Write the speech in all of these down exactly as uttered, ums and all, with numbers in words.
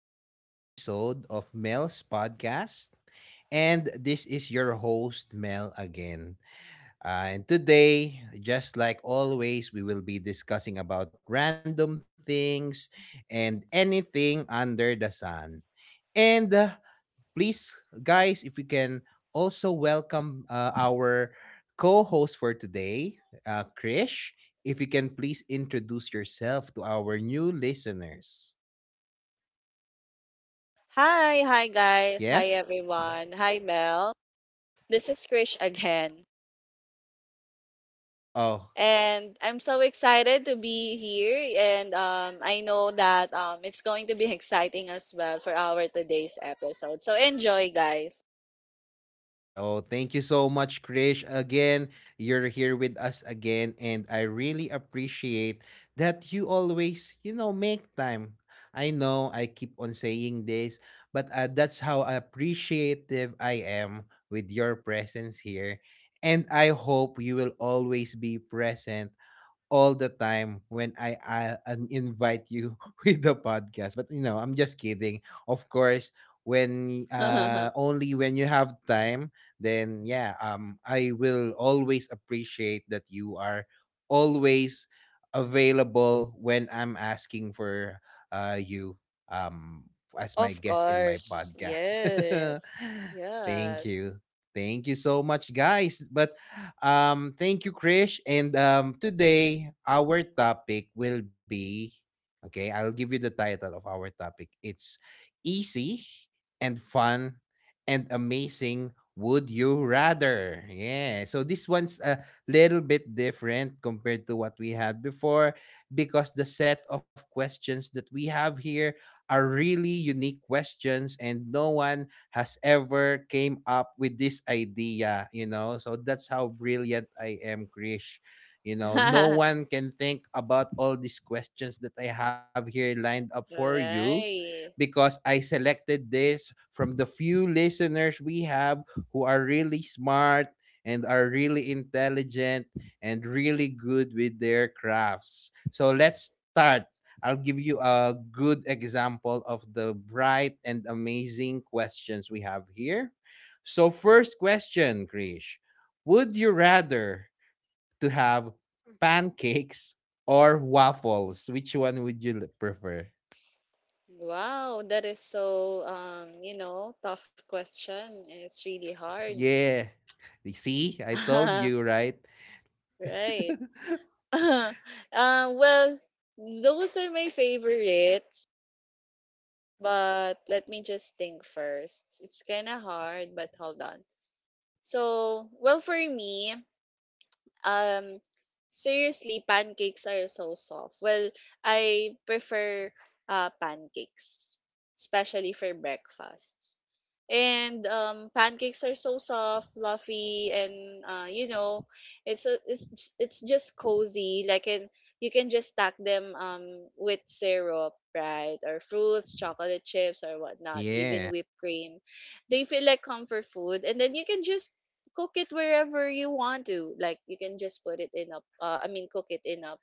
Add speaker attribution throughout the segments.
Speaker 1: amazing episode of Mel's podcast. And this is your host, Mel, again. Uh, and today, just like always, we will be discussing about random things and anything under the sun. And uh, Please, guys, if we can also welcome uh, our co-host for today, uh, Krish. If you can please introduce yourself to our new listeners.
Speaker 2: Hi, hi guys.
Speaker 1: Yeah?
Speaker 2: Hi everyone. Hi Mel. This is Krish again.
Speaker 1: Oh,
Speaker 2: And I'm so excited to be here and um, I know that um, it's going to be exciting as well for our today's episode. So enjoy guys.
Speaker 1: Oh, thank you so much, Krish. Again, you're here with us again, and I really appreciate that you always, you know, make time. I know I keep on saying this, but uh, that's how appreciative I am with your presence here. And I hope you will always be present all the time when I, I un- invite you with the podcast. But you know, I'm just kidding. Of course, when uh
Speaker 2: Of
Speaker 1: only when you have time, then yeah, um I will always appreciate that you are always available when I'm asking for uh you um as my guest in my
Speaker 2: course.
Speaker 1: podcast.
Speaker 2: Yes.
Speaker 1: Thank
Speaker 2: Yes.
Speaker 1: you. Thank you so much guys. But um, Thank you, Krish. And um, today our topic will be okay. I'll give you the title of our topic. It's easy and fun and amazing. Would you rather? Yeah. So this one's a little bit different compared to what we had before because the set of questions that we have here are really unique questions and no one has ever came up with this idea, you know. So that's how brilliant I am, Krish. You know, no
Speaker 2: Alright.
Speaker 1: one can think about all these questions that I have here lined up for you because I selected this from the few listeners we have who are really smart and are really intelligent and really good with their crafts. So let's start. I'll give you a good example of the bright and amazing questions we have here. So, first question, Krish. Would you rather to have pancakes or waffles? Which one would you l- prefer?
Speaker 2: Wow, that is so um, you know, tough question. It's really hard.
Speaker 1: Yeah. You see, I told you, right?
Speaker 2: Right. Uh well, those are my favorites, but let me just think first. It's kind of hard, but hold on. So, well, for me, um, seriously, pancakes are so soft. Well, I prefer uh, pancakes, especially for breakfasts. And um, pancakes are so soft, fluffy, and uh, you know, it's a, it's j- it's just cozy. Like, and you can just stack them um with syrup, right, or fruits, chocolate chips, or whatnot, even
Speaker 1: Yeah.
Speaker 2: whipped cream. They feel like comfort food, and then you can just cook it wherever you want to. Like you can just put it in a, uh, I mean, cook it in a,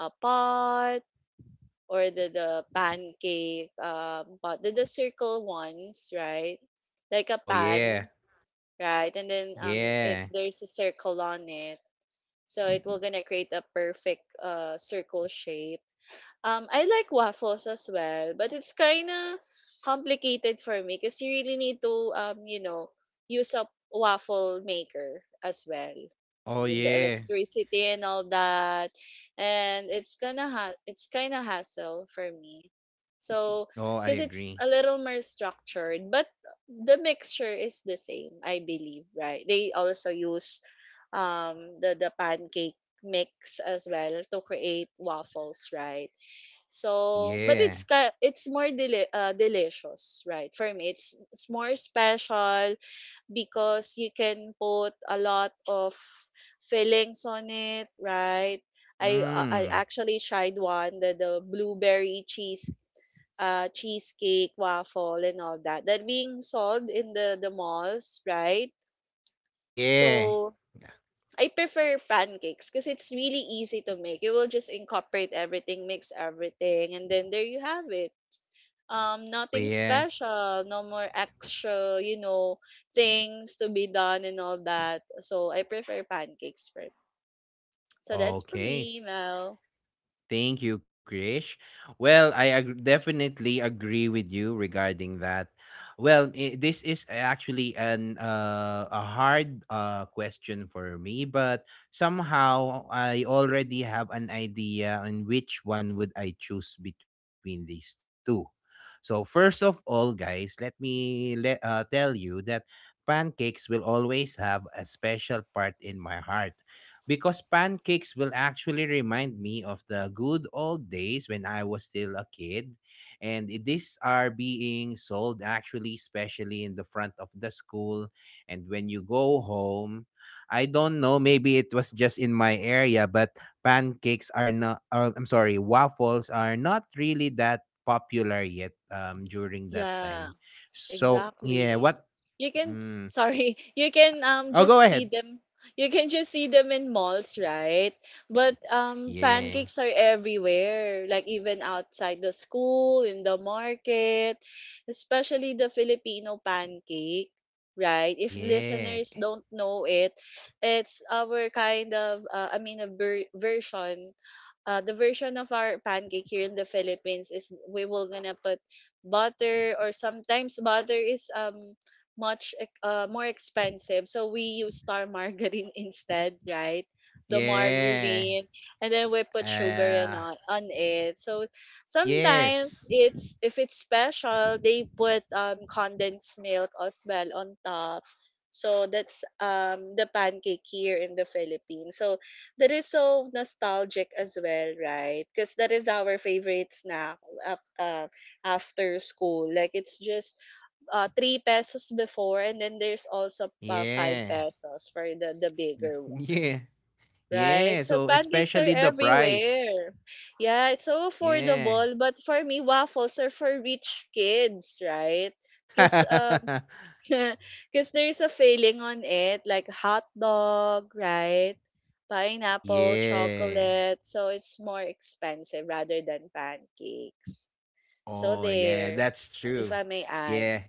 Speaker 2: a pot or the the pancake um pot, the, the circle ones, right? Like a
Speaker 1: Oh, yeah.
Speaker 2: pan, right? And then um, it
Speaker 1: Yeah.
Speaker 2: there's a circle on it, so it will gonna create a perfect uh circle shape. um, I like waffles as well, but it's kind of complicated for me because you really need to, um, you know, use a waffle maker as well.
Speaker 1: Oh,
Speaker 2: And then the
Speaker 1: yeah.
Speaker 2: electricity and all that. And it's gonna ha- it's kind of hassle for me. So,
Speaker 1: Oh, I
Speaker 2: because it's
Speaker 1: agree.
Speaker 2: a little more structured, but the mixture is the same, I believe, right? They also use um, the, the pancake mix as well to create waffles, right? So, but it's
Speaker 1: Yeah.
Speaker 2: ka- it's more deli- uh, delicious, right? For me, it's it's more special because you can put a lot of fillings on it, right? I uh, I
Speaker 1: Hmm.
Speaker 2: actually tried one, the the blueberry cheese uh cheesecake waffle and all that that being sold in the the malls, right?
Speaker 1: Yeah.
Speaker 2: So I prefer pancakes because it's really easy to make. You will just incorporate everything, mix everything, and then there you have it. Um
Speaker 1: Oh,
Speaker 2: nothing
Speaker 1: yeah.
Speaker 2: special, no more extra, you know things to be done and all that. So I prefer pancakes for, so that's for me,
Speaker 1: Okay.
Speaker 2: Mel.
Speaker 1: Thank you, Krish. Well, I ag- definitely agree with you regarding that. Well, I this is actually an uh, a hard uh, question for me, but somehow I already have an idea on which one would I choose between these two. So first of all, guys, let me let uh, tell you that pancakes will always have a special part in my heart because pancakes will actually remind me of the good old days when I was still a kid. And i- these are being sold actually, especially in the front of the school. And when you go home, I don't know, maybe it was just in my area, but pancakes are not, or, I'm sorry, waffles are not really that popular yet um, during that
Speaker 2: Yeah.
Speaker 1: time. So, yeah,
Speaker 2: Exactly.
Speaker 1: what?
Speaker 2: You can,
Speaker 1: Mm.
Speaker 2: sorry, you can um
Speaker 1: Oh,
Speaker 2: just
Speaker 1: go
Speaker 2: see
Speaker 1: ahead.
Speaker 2: them, you can just see them in malls, right? But um
Speaker 1: Yeah.
Speaker 2: pancakes are everywhere, like even outside the school, in the market, especially the Filipino pancake, right? If
Speaker 1: Yeah.
Speaker 2: listeners don't know it, it's our kind of uh, I mean a ver- version, uh, the version of our pancake here in the Philippines is we will gonna put butter, or sometimes butter is um much ex- uh, more expensive so we use Star margarine instead, right, the
Speaker 1: Yeah.
Speaker 2: margarine, and then we put sugar and
Speaker 1: Ah,
Speaker 2: on, on it. So sometimes,
Speaker 1: yes.
Speaker 2: it's if it's special, they put um condensed milk as well on top. So that's um the pancake here in the Philippines. So that is so nostalgic as well, right? Because that is our favorite snack af- uh, after school. Like it's just uh, three pesos before, and then there's also uh, five
Speaker 1: Yeah.
Speaker 2: pesos for the the bigger one,
Speaker 1: Yeah.
Speaker 2: right?
Speaker 1: Yeah,
Speaker 2: So
Speaker 1: so
Speaker 2: pancakes are
Speaker 1: especially the price.
Speaker 2: everywhere. Yeah, it's so
Speaker 1: Yeah.
Speaker 2: affordable. But for me, waffles are for rich kids, right? Because um, because there's a filling on it, like hot dog, right? Pineapple,
Speaker 1: Yeah.
Speaker 2: chocolate. So it's more expensive rather than pancakes. So
Speaker 1: Oh, yeah,
Speaker 2: there,
Speaker 1: that's
Speaker 2: if
Speaker 1: true.
Speaker 2: I may add.
Speaker 1: Yeah.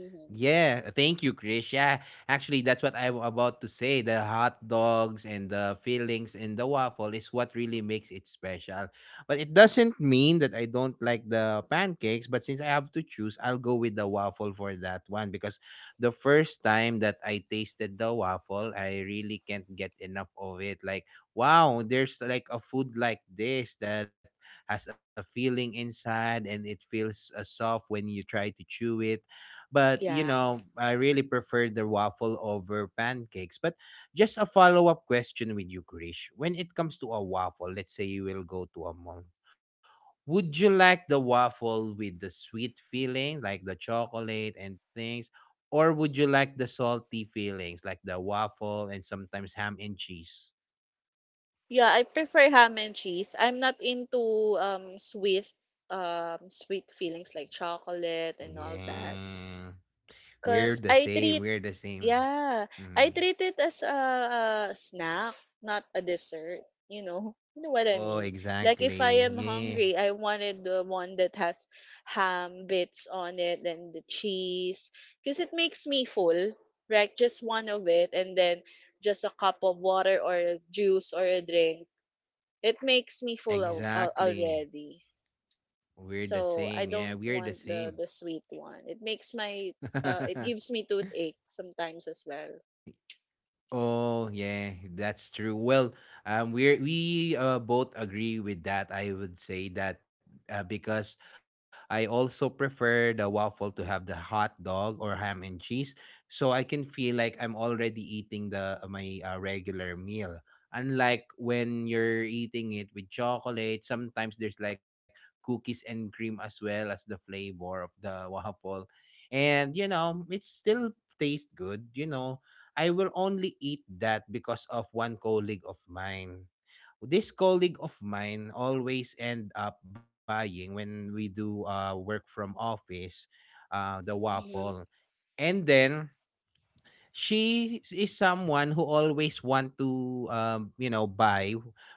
Speaker 2: Mhm.
Speaker 1: Yeah, thank you, Krish. Yeah, actually, that's what I'm about to say. The hot dogs and the fillings and the waffle is what really makes it special. But it doesn't mean that I don't like the pancakes, but since I have to choose, I'll go with the waffle for that one because the first time that I tasted the waffle, I really can't get enough of it. Like, wow, there's like a food like this that has a feeling inside and it feels uh, soft when you try to chew it, but you
Speaker 2: Yeah.
Speaker 1: know I really prefer the waffle over pancakes. But just a follow-up question with you, Krish, when it comes to a waffle, let's say you will go to a mall, would you like the waffle with the sweet feeling like the chocolate and things, or would you like the salty feelings like the waffle and sometimes ham and cheese?
Speaker 2: Yeah, I prefer ham and cheese. I'm not into um sweet um sweet feelings like chocolate and all that.
Speaker 1: Yeah,
Speaker 2: Cause
Speaker 1: we're the
Speaker 2: I treat,
Speaker 1: same we're the same
Speaker 2: yeah, I
Speaker 1: Mm.
Speaker 2: treat it as a, a snack, not a dessert. You know, you know what I
Speaker 1: Oh,
Speaker 2: mean. Like if I am
Speaker 1: exactly, yeah.
Speaker 2: hungry, I wanted the one that has ham bits on it and the cheese, because it makes me full. Right, just one of it, and then just a cup of water or a juice or a drink. It makes me full al- al-
Speaker 1: Exactly.
Speaker 2: already.
Speaker 1: We're the
Speaker 2: So
Speaker 1: same.
Speaker 2: I
Speaker 1: Yeah,
Speaker 2: don't
Speaker 1: we're the
Speaker 2: want the
Speaker 1: same.
Speaker 2: the sweet one. It makes my uh, it gives me toothache sometimes as well.
Speaker 1: Oh yeah, that's true. Well, um, we're we uh, both agree with that. I would say that uh, because I also prefer the waffle to have the hot dog or ham and cheese, so I can feel like I'm already eating the uh, my uh, regular meal. Unlike when you're eating it with chocolate, sometimes there's like cookies and cream as well as the flavor of the waffle, and you know it still tastes good. You know, I will only eat that because of one colleague of mine. This colleague of mine always end up buying when we do uh, work from office, uh, the waffle. And then she is someone who always want to um you know buy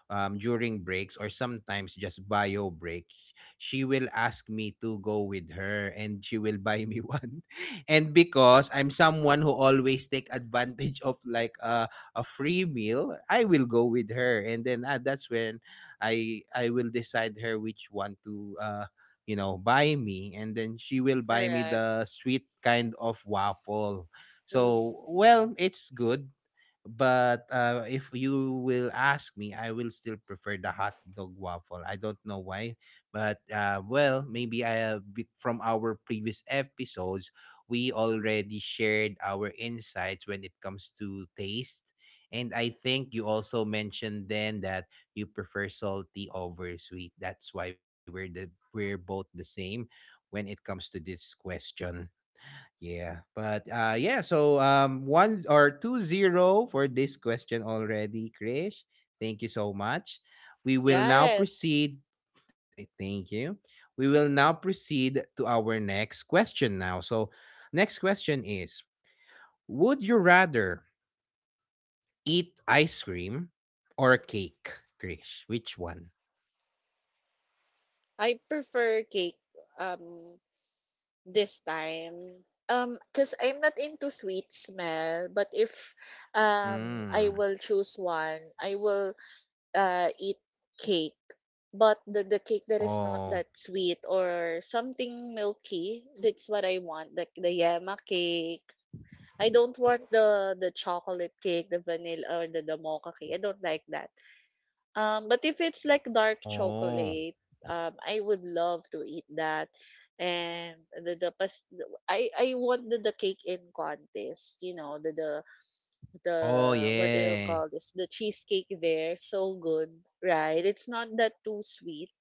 Speaker 1: um during breaks or sometimes just bio break. She will ask me to go with her and she will buy me one. And because I'm someone who always take advantage of like a, a free meal, I will go with her, and then uh, that's when i i will decide her which one to uh you know buy me, and then she will buy me
Speaker 2: Correct.
Speaker 1: the sweet kind of waffle. So,
Speaker 2: Mm.
Speaker 1: well, it's good, but uh, if you will ask me, I will still prefer the hot dog waffle. I don't know why, but uh, well, maybe I have be- from our previous episodes, we already shared our insights when it comes to taste. And I think you also mentioned then that you prefer salty over sweet. That's why we're the we're both the same when it comes to this question. Yeah, but uh yeah, so um one or two zero for this question already, Krish. Thank you so much. We will now
Speaker 2: Yes.
Speaker 1: proceed. eh, Thank you. We will now proceed to our next question now. So next question is, would you rather eat ice cream or cake, Krish? Which one?
Speaker 2: I prefer cake um this time. Um, because I'm not into sweet smell, but if um I
Speaker 1: Mm.
Speaker 2: will choose one, I will uh eat cake. But the, the cake that is not
Speaker 1: Oh,
Speaker 2: that sweet or something milky, that's what I want. Like the yema cake. I don't want the the chocolate cake, the vanilla, or the, the mocha cake. I don't like that. Um, but if it's like dark
Speaker 1: oh,
Speaker 2: chocolate, um, I would love to eat that. And the the pas- I I want the, the cake in contest. You know the the the
Speaker 1: oh
Speaker 2: what do you call
Speaker 1: yeah.
Speaker 2: this? The cheesecake there, so good, right? It's not that too sweet,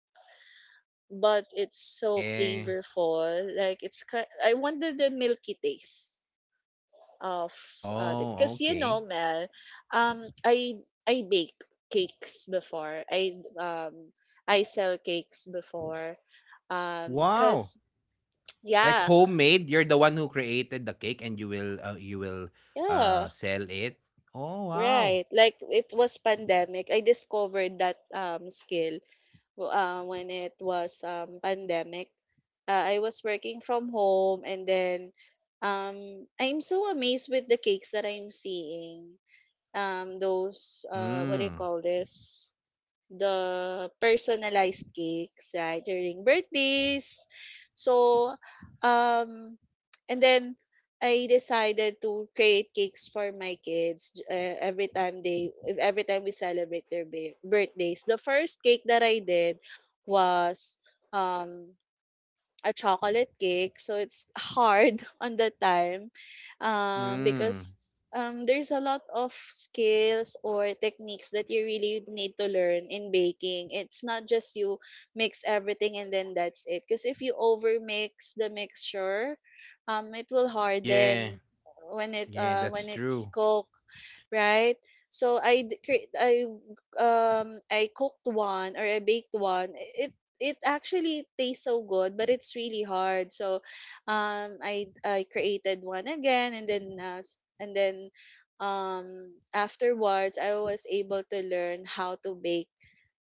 Speaker 2: but it's so
Speaker 1: Yeah.
Speaker 2: flavorful. Like it's ki- I wanted the milky taste of, uh because
Speaker 1: Oh,
Speaker 2: you know
Speaker 1: okay.
Speaker 2: Mel, um I I bake cakes before. I um I sell cakes before. Um because
Speaker 1: Wow.
Speaker 2: yeah,
Speaker 1: Like homemade, you're the one who created the cake and you will uh, you will
Speaker 2: yeah,
Speaker 1: uh sell it. Oh
Speaker 2: right.
Speaker 1: wow.
Speaker 2: Like it was pandemic. I discovered that um skill w- uh, when it was um pandemic. Uh, I was working from home and then um I'm so amazed with the cakes that I'm seeing. Um those uh what do you call
Speaker 1: Mm.
Speaker 2: this? The personalized cakes, right, during birthdays.
Speaker 1: Oh.
Speaker 2: So, um, and then I decided to create cakes for my kids uh, every time they, if every time we celebrate their ba- birthdays. The first cake that I did was um a chocolate cake, so it's hard on the time, um, because
Speaker 1: Mm.
Speaker 2: um, there's a lot of skills or techniques that you really need to learn in baking. It's not just you mix everything and then that's it, because if you over mix the mixture, um, it will harden
Speaker 1: Yeah.
Speaker 2: when it uh, when
Speaker 1: Yeah,
Speaker 2: it's
Speaker 1: that's
Speaker 2: cooked,
Speaker 1: true.
Speaker 2: right. So i d- cre- i um i cooked one, or I baked one. it it actually tastes so good, but it's really hard. So, um, I I created one again, and then uh, s- and then um afterwards, I was able to learn how to bake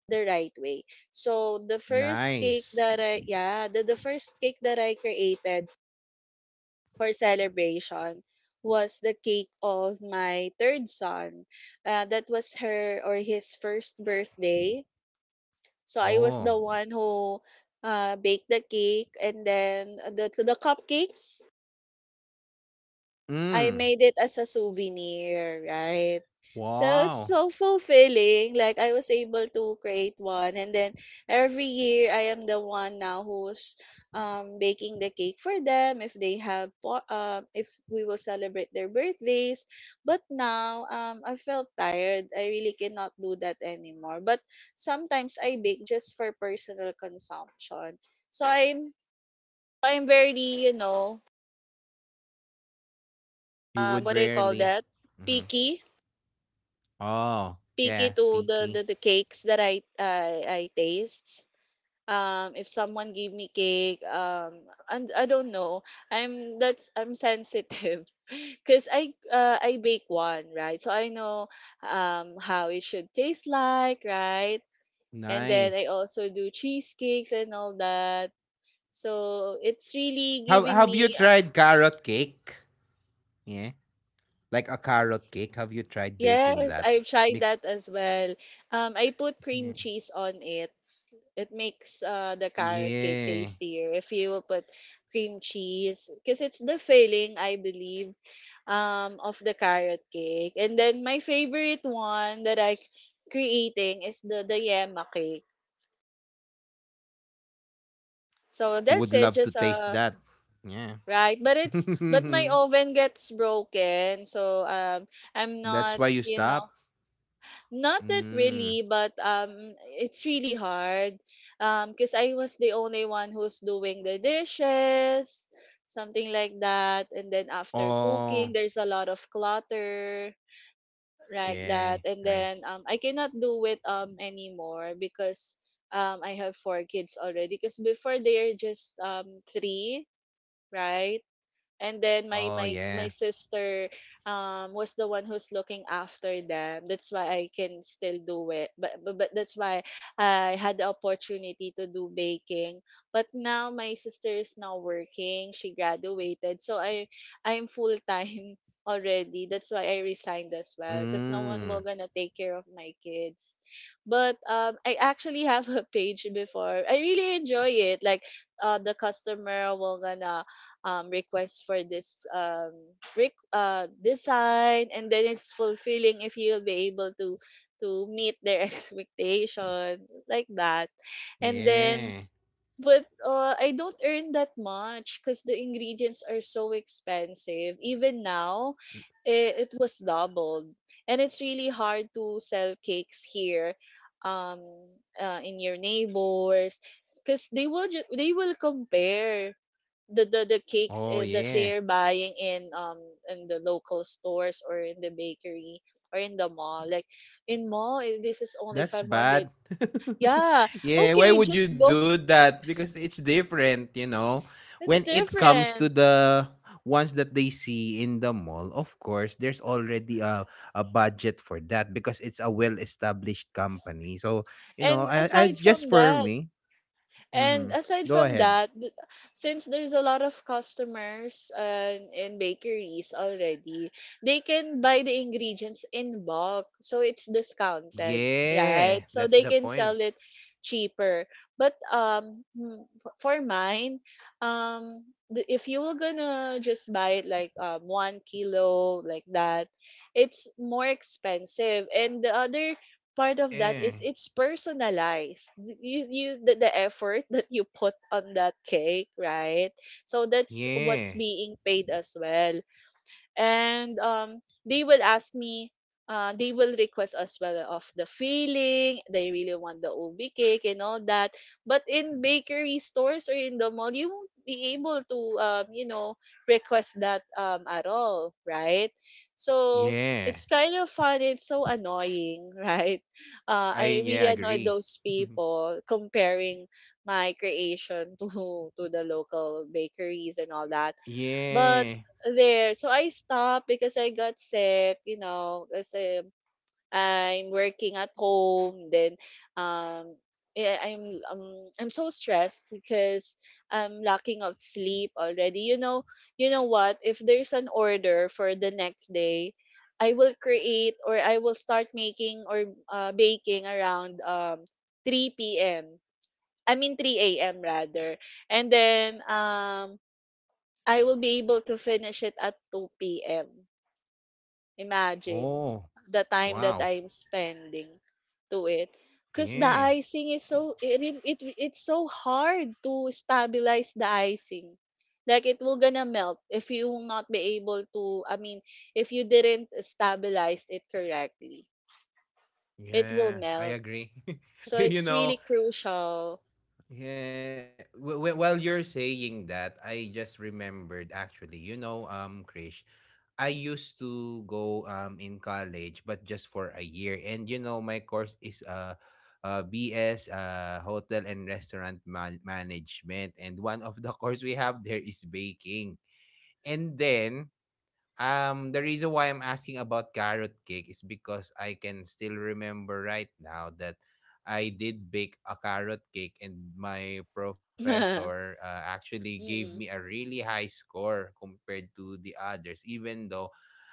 Speaker 2: the right way. So the first cake that I,
Speaker 1: Nice.
Speaker 2: yeah, the the first cake that I created for celebration was the cake of my third son. Uh, that was her or his first birthday, so I was the one
Speaker 1: Oh.
Speaker 2: who uh, baked the cake, and then the the cupcakes I made it as a
Speaker 1: Mm.
Speaker 2: souvenir, right? So it's so
Speaker 1: Wow.
Speaker 2: fulfilling. Like I was able to create one, and then every year I am the one now who's um baking the cake for them if they have po- um if we will celebrate their birthdays. But now um I felt tired. I really cannot do that anymore. But sometimes I bake just for personal consumption. So I'm I'm very, you know, um what do you call
Speaker 1: You
Speaker 2: that,
Speaker 1: would rarely.
Speaker 2: picky,
Speaker 1: Hmm.
Speaker 2: picky
Speaker 1: Oh,
Speaker 2: to the, the, the
Speaker 1: yeah,
Speaker 2: cakes that
Speaker 1: picky.
Speaker 2: I, I I taste. Um, if someone gave me cake, um, and I don't know, I'm that's I'm sensitive, cause I uh, I bake one, right, so I know um how it should taste like, right, and then I also do
Speaker 1: Nice.
Speaker 2: cheesecakes and all that. So it's really
Speaker 1: Have
Speaker 2: giving
Speaker 1: have you
Speaker 2: me um,
Speaker 1: tried carrot cake? Yeah. Like a carrot cake. Have you tried
Speaker 2: yes,
Speaker 1: baking
Speaker 2: I've
Speaker 1: that?
Speaker 2: tried that
Speaker 1: Bec-
Speaker 2: as well. Um, I put cream cheese
Speaker 1: yeah.
Speaker 2: on it. It makes uh, the carrot cake
Speaker 1: Yeah.
Speaker 2: tastier if you will put cream cheese, because it's the filling, I believe, um of the carrot cake. And then my favorite one that I creating is the the yema cake. So
Speaker 1: I
Speaker 2: that's
Speaker 1: would
Speaker 2: it,
Speaker 1: love to
Speaker 2: just
Speaker 1: taste
Speaker 2: uh,
Speaker 1: that. Yeah.
Speaker 2: right, but it's, but my oven gets broken, so um I'm
Speaker 1: That's
Speaker 2: not,
Speaker 1: why you
Speaker 2: you know.
Speaker 1: stop?
Speaker 2: Not that
Speaker 1: Mm.
Speaker 2: really, but um, it's really hard. Um, because I was the only one who's doing the dishes, something like that. And then after cooking,
Speaker 1: Oh,
Speaker 2: there's a lot of clutter like
Speaker 1: yeah.
Speaker 2: that. And
Speaker 1: I.
Speaker 2: then um, I cannot do it um anymore because um I have four kids already. Because before they are just um three, right? And then my
Speaker 1: Oh,
Speaker 2: my my
Speaker 1: yeah.
Speaker 2: sister um was the one who's looking after them. That's why I can still do it. But but, but that's why I had the opportunity to do baking. But now my sister is now working. She graduated. So I I'm full time already. That's why I resigned as well, because no one will
Speaker 1: Mm.
Speaker 2: gonna take care of my kids. But um I actually have a page before. I really enjoy it. Like uh the customer will gonna um, request for this um, rec- uh, design, and then it's fulfilling if you'll be able to to meet their expectation like that, and then,
Speaker 1: Yeah.
Speaker 2: but uh, I don't earn that much because the ingredients are so expensive. Even now, it, it was doubled, and it's really hard to sell cakes here, um, uh, in your neighbors, because they will ju- they will compare the the, the cakes eh, that
Speaker 1: Oh,
Speaker 2: they're
Speaker 1: yeah.
Speaker 2: buying in um in the local stores or in the bakery or in the mall, like in mall eh, this is only
Speaker 1: That's
Speaker 2: five hundred.
Speaker 1: bad.
Speaker 2: Yeah, okay,
Speaker 1: Yeah, why
Speaker 2: just
Speaker 1: would you
Speaker 2: go,
Speaker 1: do that? Because it's different, you know. When
Speaker 2: it's
Speaker 1: it comes to
Speaker 2: different.
Speaker 1: the ones that they see in the mall, of course, there's already a, a budget for that because it's a well established company. So, you know,
Speaker 2: and
Speaker 1: I, I
Speaker 2: aside
Speaker 1: just
Speaker 2: from
Speaker 1: for
Speaker 2: that
Speaker 1: me,
Speaker 2: And
Speaker 1: hmm,
Speaker 2: aside
Speaker 1: go
Speaker 2: from
Speaker 1: ahead.
Speaker 2: that, th- since there's a lot of customers uh, in bakeries already, they can buy the ingredients in bulk, so it's discounted, right?
Speaker 1: Yeah,
Speaker 2: So
Speaker 1: that's
Speaker 2: they
Speaker 1: the
Speaker 2: can sell
Speaker 1: point.
Speaker 2: it cheaper. But um mm, f- for mine, um the- if you were gonna just buy it like um one kilo like that, it's more expensive. And the other part of that
Speaker 1: Yeah,
Speaker 2: is it's personalized. Th- You you the, the effort that you put on that cake, right? So that's what's
Speaker 1: yeah,
Speaker 2: being paid as well. And um they will ask me, uh they will request as well of the filling. They really want the ob cake and all that, but in bakery stores or in the mall, you won't be able to, um you know request that um at all, right? So it's
Speaker 1: yeah.
Speaker 2: kind of fun, it's so annoying, right? uh
Speaker 1: I,
Speaker 2: I really
Speaker 1: yeah,
Speaker 2: annoy
Speaker 1: agree.
Speaker 2: those people comparing my creation to to the local bakeries and all that. But
Speaker 1: Yeah.
Speaker 2: there, so I stopped because I got sick, you know, because um, I'm working at home. Then, um, yeah, I'm um I'm so stressed because I'm lacking of sleep already. You know, you know what? If there's an order for the next day, I will create, or I will start making, or uh, baking around um three p m. I mean three a m rather. And then um I will be able to finish it at two p m. Imagine
Speaker 1: Oh,
Speaker 2: the time that
Speaker 1: wow.
Speaker 2: I'm spending to it. Because the
Speaker 1: Yeah.
Speaker 2: icing is so, it, re- it, it's so hard to stabilize the icing. Like it will gonna melt if you will not be able to, I mean, if you didn't stabilize it correctly, it will
Speaker 1: Yeah,
Speaker 2: melt.
Speaker 1: I agree.
Speaker 2: So
Speaker 1: you,
Speaker 2: it's
Speaker 1: you
Speaker 2: really
Speaker 1: know,
Speaker 2: crucial.
Speaker 1: yeah, w- w- while you're saying that, I just remembered actually, you know, um, Krish, I used to go um in college, but just for a year. And you know, my course is uh, uh B S, uh, hotel and restaurant man- management, and one of the course we have there is baking. And then um, the reason why I'm asking about carrot cake is because I can still remember right now that I did bake a carrot cake, and my professor uh, actually gave me
Speaker 2: Mm,
Speaker 1: a really high score compared to the others, even though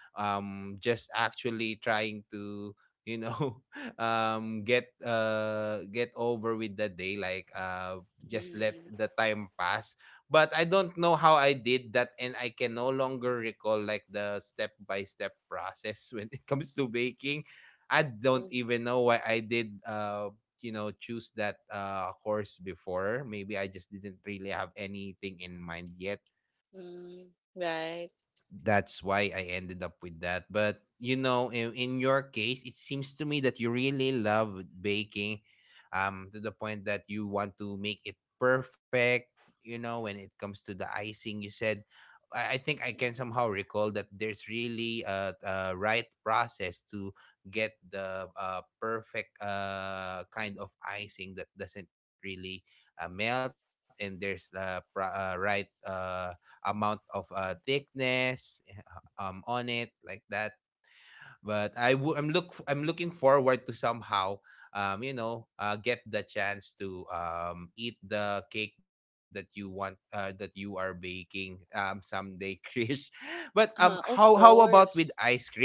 Speaker 1: um just actually trying to, you know, um get uh get over with the day, like uh just let
Speaker 2: mm,
Speaker 1: the time pass. But I don't know how I did that and I can no longer recall like the step by step process when it comes to baking. I
Speaker 2: mm,
Speaker 1: don't
Speaker 2: mm,
Speaker 1: even know why I did uh you know choose that uh course before. Maybe I just didn't really have anything in mind yet,
Speaker 2: mm, right.
Speaker 1: that's why I ended up with that. But you know, in, in your case, it seems to me that you really love baking, um, to the point that you want to make it perfect. You know, when it comes to the icing, you said, I, I think I can somehow recall that there's really a, a right process to get the uh, perfect uh kind of icing that doesn't really uh, melt, and there's the pro- uh, right uh amount of uh, thickness um on it like that. But i w- i'm look I'm looking forward to somehow, um you know uh get the chance to um eat the cake that you want, uh, that you are baking um someday, Krish. But um how
Speaker 2: Uh,
Speaker 1: how
Speaker 2: of
Speaker 1: about with
Speaker 2: course.
Speaker 1: ice cream?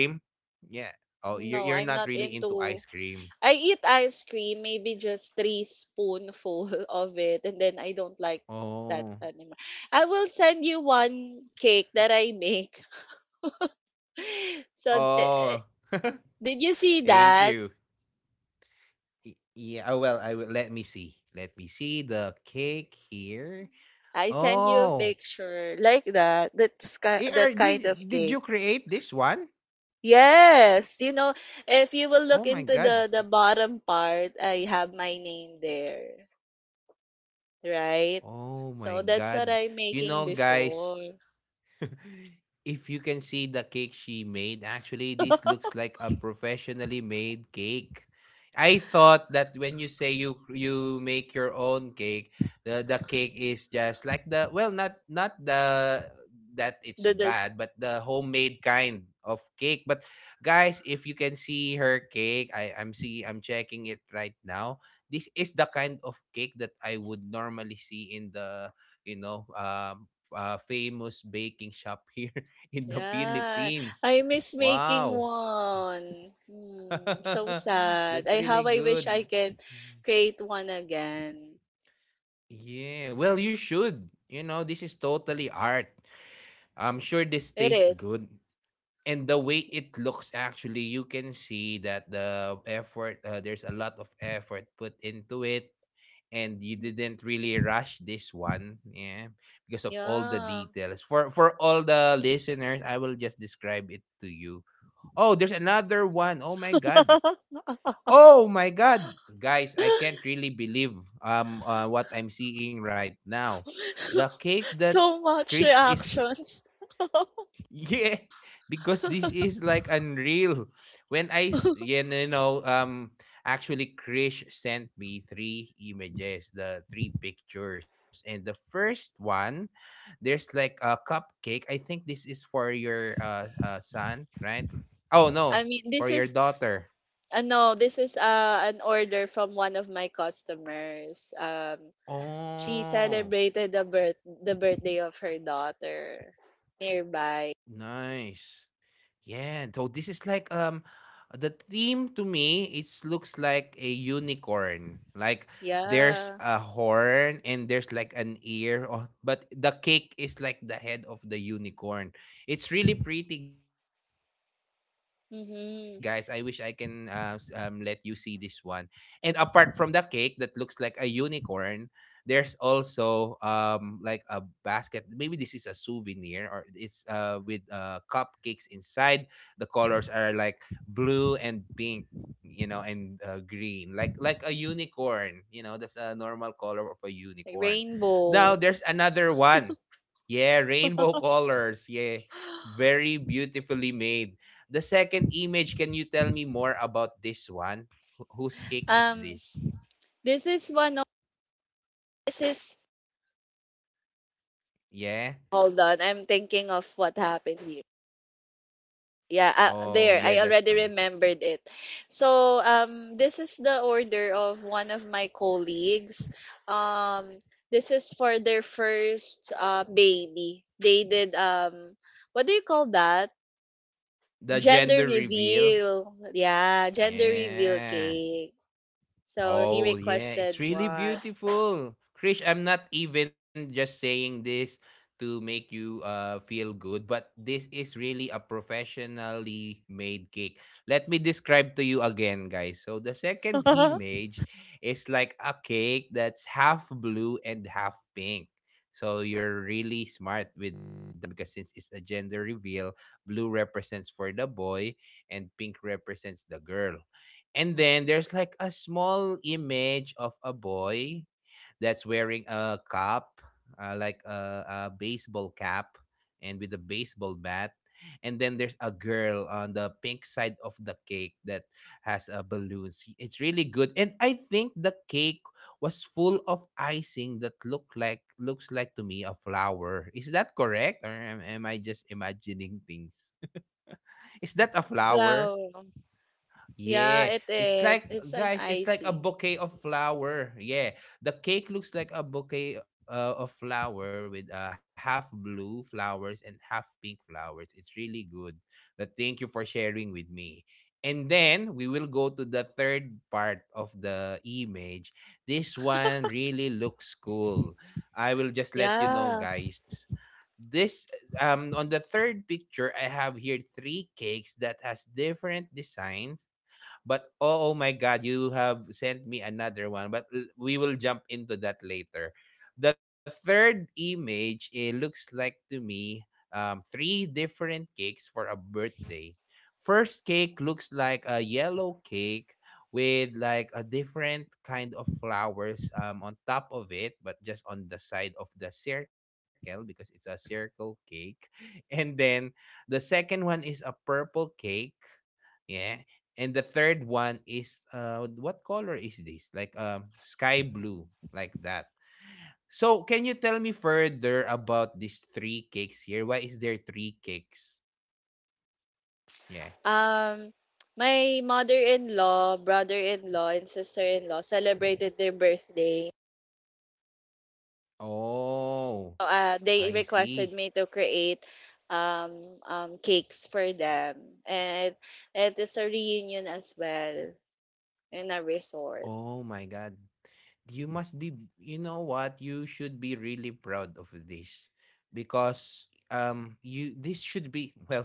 Speaker 1: Yeah. Oh, you're, you're
Speaker 2: No,
Speaker 1: not
Speaker 2: I'm not
Speaker 1: really into ice
Speaker 2: into.
Speaker 1: cream.
Speaker 2: I eat ice cream, maybe just three spoonful of it, and then I don't like that
Speaker 1: Oh.
Speaker 2: anymore. I will send you one cake that I make. So, eh, eh,
Speaker 1: Oh.
Speaker 2: did you see
Speaker 1: Thank
Speaker 2: that?
Speaker 1: you. Y- yeah. Oh, well, I will, let me see, let me see the cake here.
Speaker 2: I sent you a
Speaker 1: Oh.
Speaker 2: picture like that. That's
Speaker 1: A R,
Speaker 2: ki- that
Speaker 1: did
Speaker 2: kind of
Speaker 1: did you
Speaker 2: cake.
Speaker 1: create this one?
Speaker 2: Yes, you know, if you will
Speaker 1: Oh
Speaker 2: look
Speaker 1: my
Speaker 2: into
Speaker 1: god.
Speaker 2: the the bottom part, I have my name there. Right?
Speaker 1: Oh my
Speaker 2: So
Speaker 1: god.
Speaker 2: that's what
Speaker 1: You
Speaker 2: I'm
Speaker 1: know
Speaker 2: making
Speaker 1: guys,
Speaker 2: before.
Speaker 1: if you can see the cake she made, actually, this looks like a professionally made cake. I thought that when you say you you make your own cake, the the cake is just like the well, not not the that it's
Speaker 2: The this
Speaker 1: bad, but the homemade kind of cake. But guys, if you can see her cake, I I'm see I'm checking it right now. This is the kind of cake that I would normally see in the you know um uh, famous baking shop here in the
Speaker 2: Yeah. I
Speaker 1: Philippines.
Speaker 2: miss making
Speaker 1: Wow.
Speaker 2: one. Hmm, so sad. I
Speaker 1: That's
Speaker 2: how I
Speaker 1: really
Speaker 2: wish I
Speaker 1: good.
Speaker 2: can create one again.
Speaker 1: Yeah, well, you should. You know, this is totally art. I'm sure this
Speaker 2: It
Speaker 1: tastes
Speaker 2: is.
Speaker 1: good. And the way it looks, actually, you can see that the effort, uh, there's a lot of effort put into it. And you didn't really rush this one, yeah, because of all the
Speaker 2: Yeah.
Speaker 1: details. For for all the listeners, I will just describe it to you. Oh, there's another one. Oh my god. Oh my god. Guys, I can't really believe um uh, what I'm seeing right now. The cake that
Speaker 2: So much
Speaker 1: Krish is
Speaker 2: reactions.
Speaker 1: yeah, because this is like unreal. When I s- yeah, you know um actually Krish sent me three images, the three pictures. And the first one, there's like a cupcake. I think this is for your uh, uh son, right? Oh
Speaker 2: I
Speaker 1: no,
Speaker 2: mean,
Speaker 1: for
Speaker 2: this
Speaker 1: your
Speaker 2: is
Speaker 1: daughter.
Speaker 2: uh, no. this is uh, an order from one of my customers. Um, She
Speaker 1: Oh,
Speaker 2: celebrated the birth the birthday of her daughter nearby.
Speaker 1: nice. Yeah, so this is like um the theme to me it looks like a unicorn. Like there's
Speaker 2: Yeah.
Speaker 1: a horn and there's like an ear oh, but the cake is like the head of the unicorn. It's really pretty guys. I wish I can uh, s- um let you
Speaker 2: Mm-hmm.
Speaker 1: see this one. And apart from the cake that looks like a unicorn, there's also um like a basket. Maybe this is a souvenir or it's uh with uh cupcakes inside. The colors are like blue and pink, you know, and uh, green, like like a unicorn, you know, that's a normal color of a unicorn.
Speaker 2: Like
Speaker 1: Now there's
Speaker 2: Rainbow.
Speaker 1: another one. Yeah, rainbow colors, yeah, it's very beautifully made. The second image, can you tell me more about this one? Wh- whose cake is
Speaker 2: Um,
Speaker 1: this?
Speaker 2: this is one of, this is,
Speaker 1: Yeah.
Speaker 2: hold on. I'm thinking of what happened here. Yeah, uh,
Speaker 1: Oh
Speaker 2: there.
Speaker 1: yeah,
Speaker 2: I
Speaker 1: that's
Speaker 2: already
Speaker 1: fine.
Speaker 2: remembered it. So, um, this is the order of one of my colleagues. Um, this is for their first uh baby. They did, um, what do you call that?
Speaker 1: The
Speaker 2: Gender
Speaker 1: gender reveal.
Speaker 2: reveal. Yeah, gender reveal
Speaker 1: Yeah.
Speaker 2: cake. So he
Speaker 1: Oh, yeah, it's
Speaker 2: requested
Speaker 1: really
Speaker 2: one.
Speaker 1: beautiful. Krish, I'm not even just saying this to make you uh, feel good, but this is really a professionally made cake. Let me describe to you again, guys. So, the second image is like a cake that's half blue and half pink. So, you're really smart with that because since it's a gender reveal, blue represents for the boy and pink represents the girl. And then there's like a small image of a boy that's wearing a cap, uh, like a, a baseball cap, and with a baseball bat. And then there's a girl on the pink side of the cake that has a balloons. It's really good, and I think the cake was full of icing that looked like looks like to me a flower. Is that correct, or am, am I just imagining things? Is that a flower?
Speaker 2: Flower. Yeah,
Speaker 1: Yeah,
Speaker 2: it
Speaker 1: it's
Speaker 2: is.
Speaker 1: like
Speaker 2: It's an
Speaker 1: guys, it's like a
Speaker 2: icing.
Speaker 1: bouquet of flower. Yeah, the cake looks like a bouquet uh, of flower with uh, half blue flowers and half pink flowers. It's really good. But thank you for sharing with me. And then we will go to the third part of the image. This one really looks cool. I will just let you know,
Speaker 2: Yeah.
Speaker 1: guys. This um on the third picture, I have here three cakes that has different designs, but oh, oh my God, you have sent me another one. But l- we will jump into that later. The third image, it looks like to me um, three different cakes for a birthday. First cake looks like a yellow cake with like a different kind of flowers um, on top of it, but just on the side of the circle because it's a circle cake. And then the second one is a purple cake. Yeah. And the third one is uh what color is this? Like um sky blue, like that. So can you tell me further about these three cakes here? Why is there three cakes? Yeah.
Speaker 2: Um my mother-in-law, brother-in-law, and sister-in-law celebrated their birthday.
Speaker 1: Oh,
Speaker 2: So,
Speaker 1: I
Speaker 2: Uh, they
Speaker 1: see.
Speaker 2: requested me to create, um, um, cakes for them. And it is a reunion as well in a resort.
Speaker 1: Oh my god. You must be, you know what, you should be really proud of this because um you this should be well,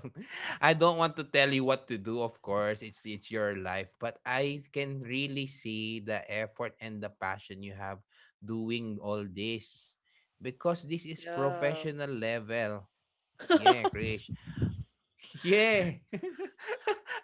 Speaker 1: I don't want to tell you what to do, of course it's it's your life, but I can really see the effort and the passion you have doing all this because this is
Speaker 2: Yeah.
Speaker 1: professional level. Yeah. Yeah.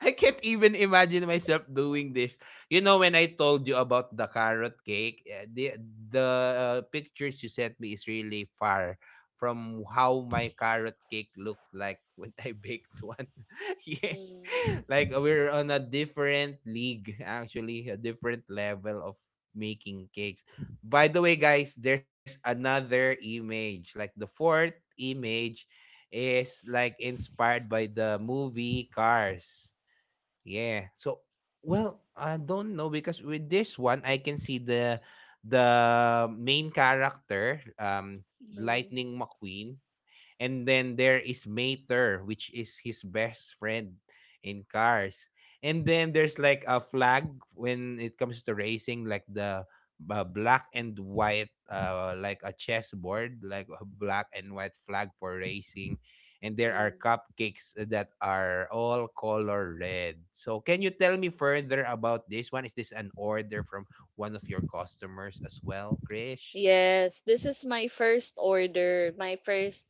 Speaker 1: I can't even imagine myself doing this. You know when I told you about the carrot cake, eh, the the uh, pictures you sent me is really far from how my carrot cake looked like when I baked one. Yeah.
Speaker 2: Mm.
Speaker 1: Like we're on a different league, actually, a different level of making cakes. By the way, guys, there's another image, like the fourth image is like inspired by the movie Cars. Yeah. So well, I don't know because with this one I can see the the main character um
Speaker 2: Mm,
Speaker 1: Lightning McQueen, and then there is Mater, which is his best friend in cars. And then there's like a flag when it comes to racing, like the uh, black and white, uh, like a chessboard, like a black and white flag for racing. And there are
Speaker 2: mm.
Speaker 1: cupcakes that are all color red. So, can you tell me further about this one? Is this an order from one of your customers as well, Krish?
Speaker 2: Yes, this is my first order, my first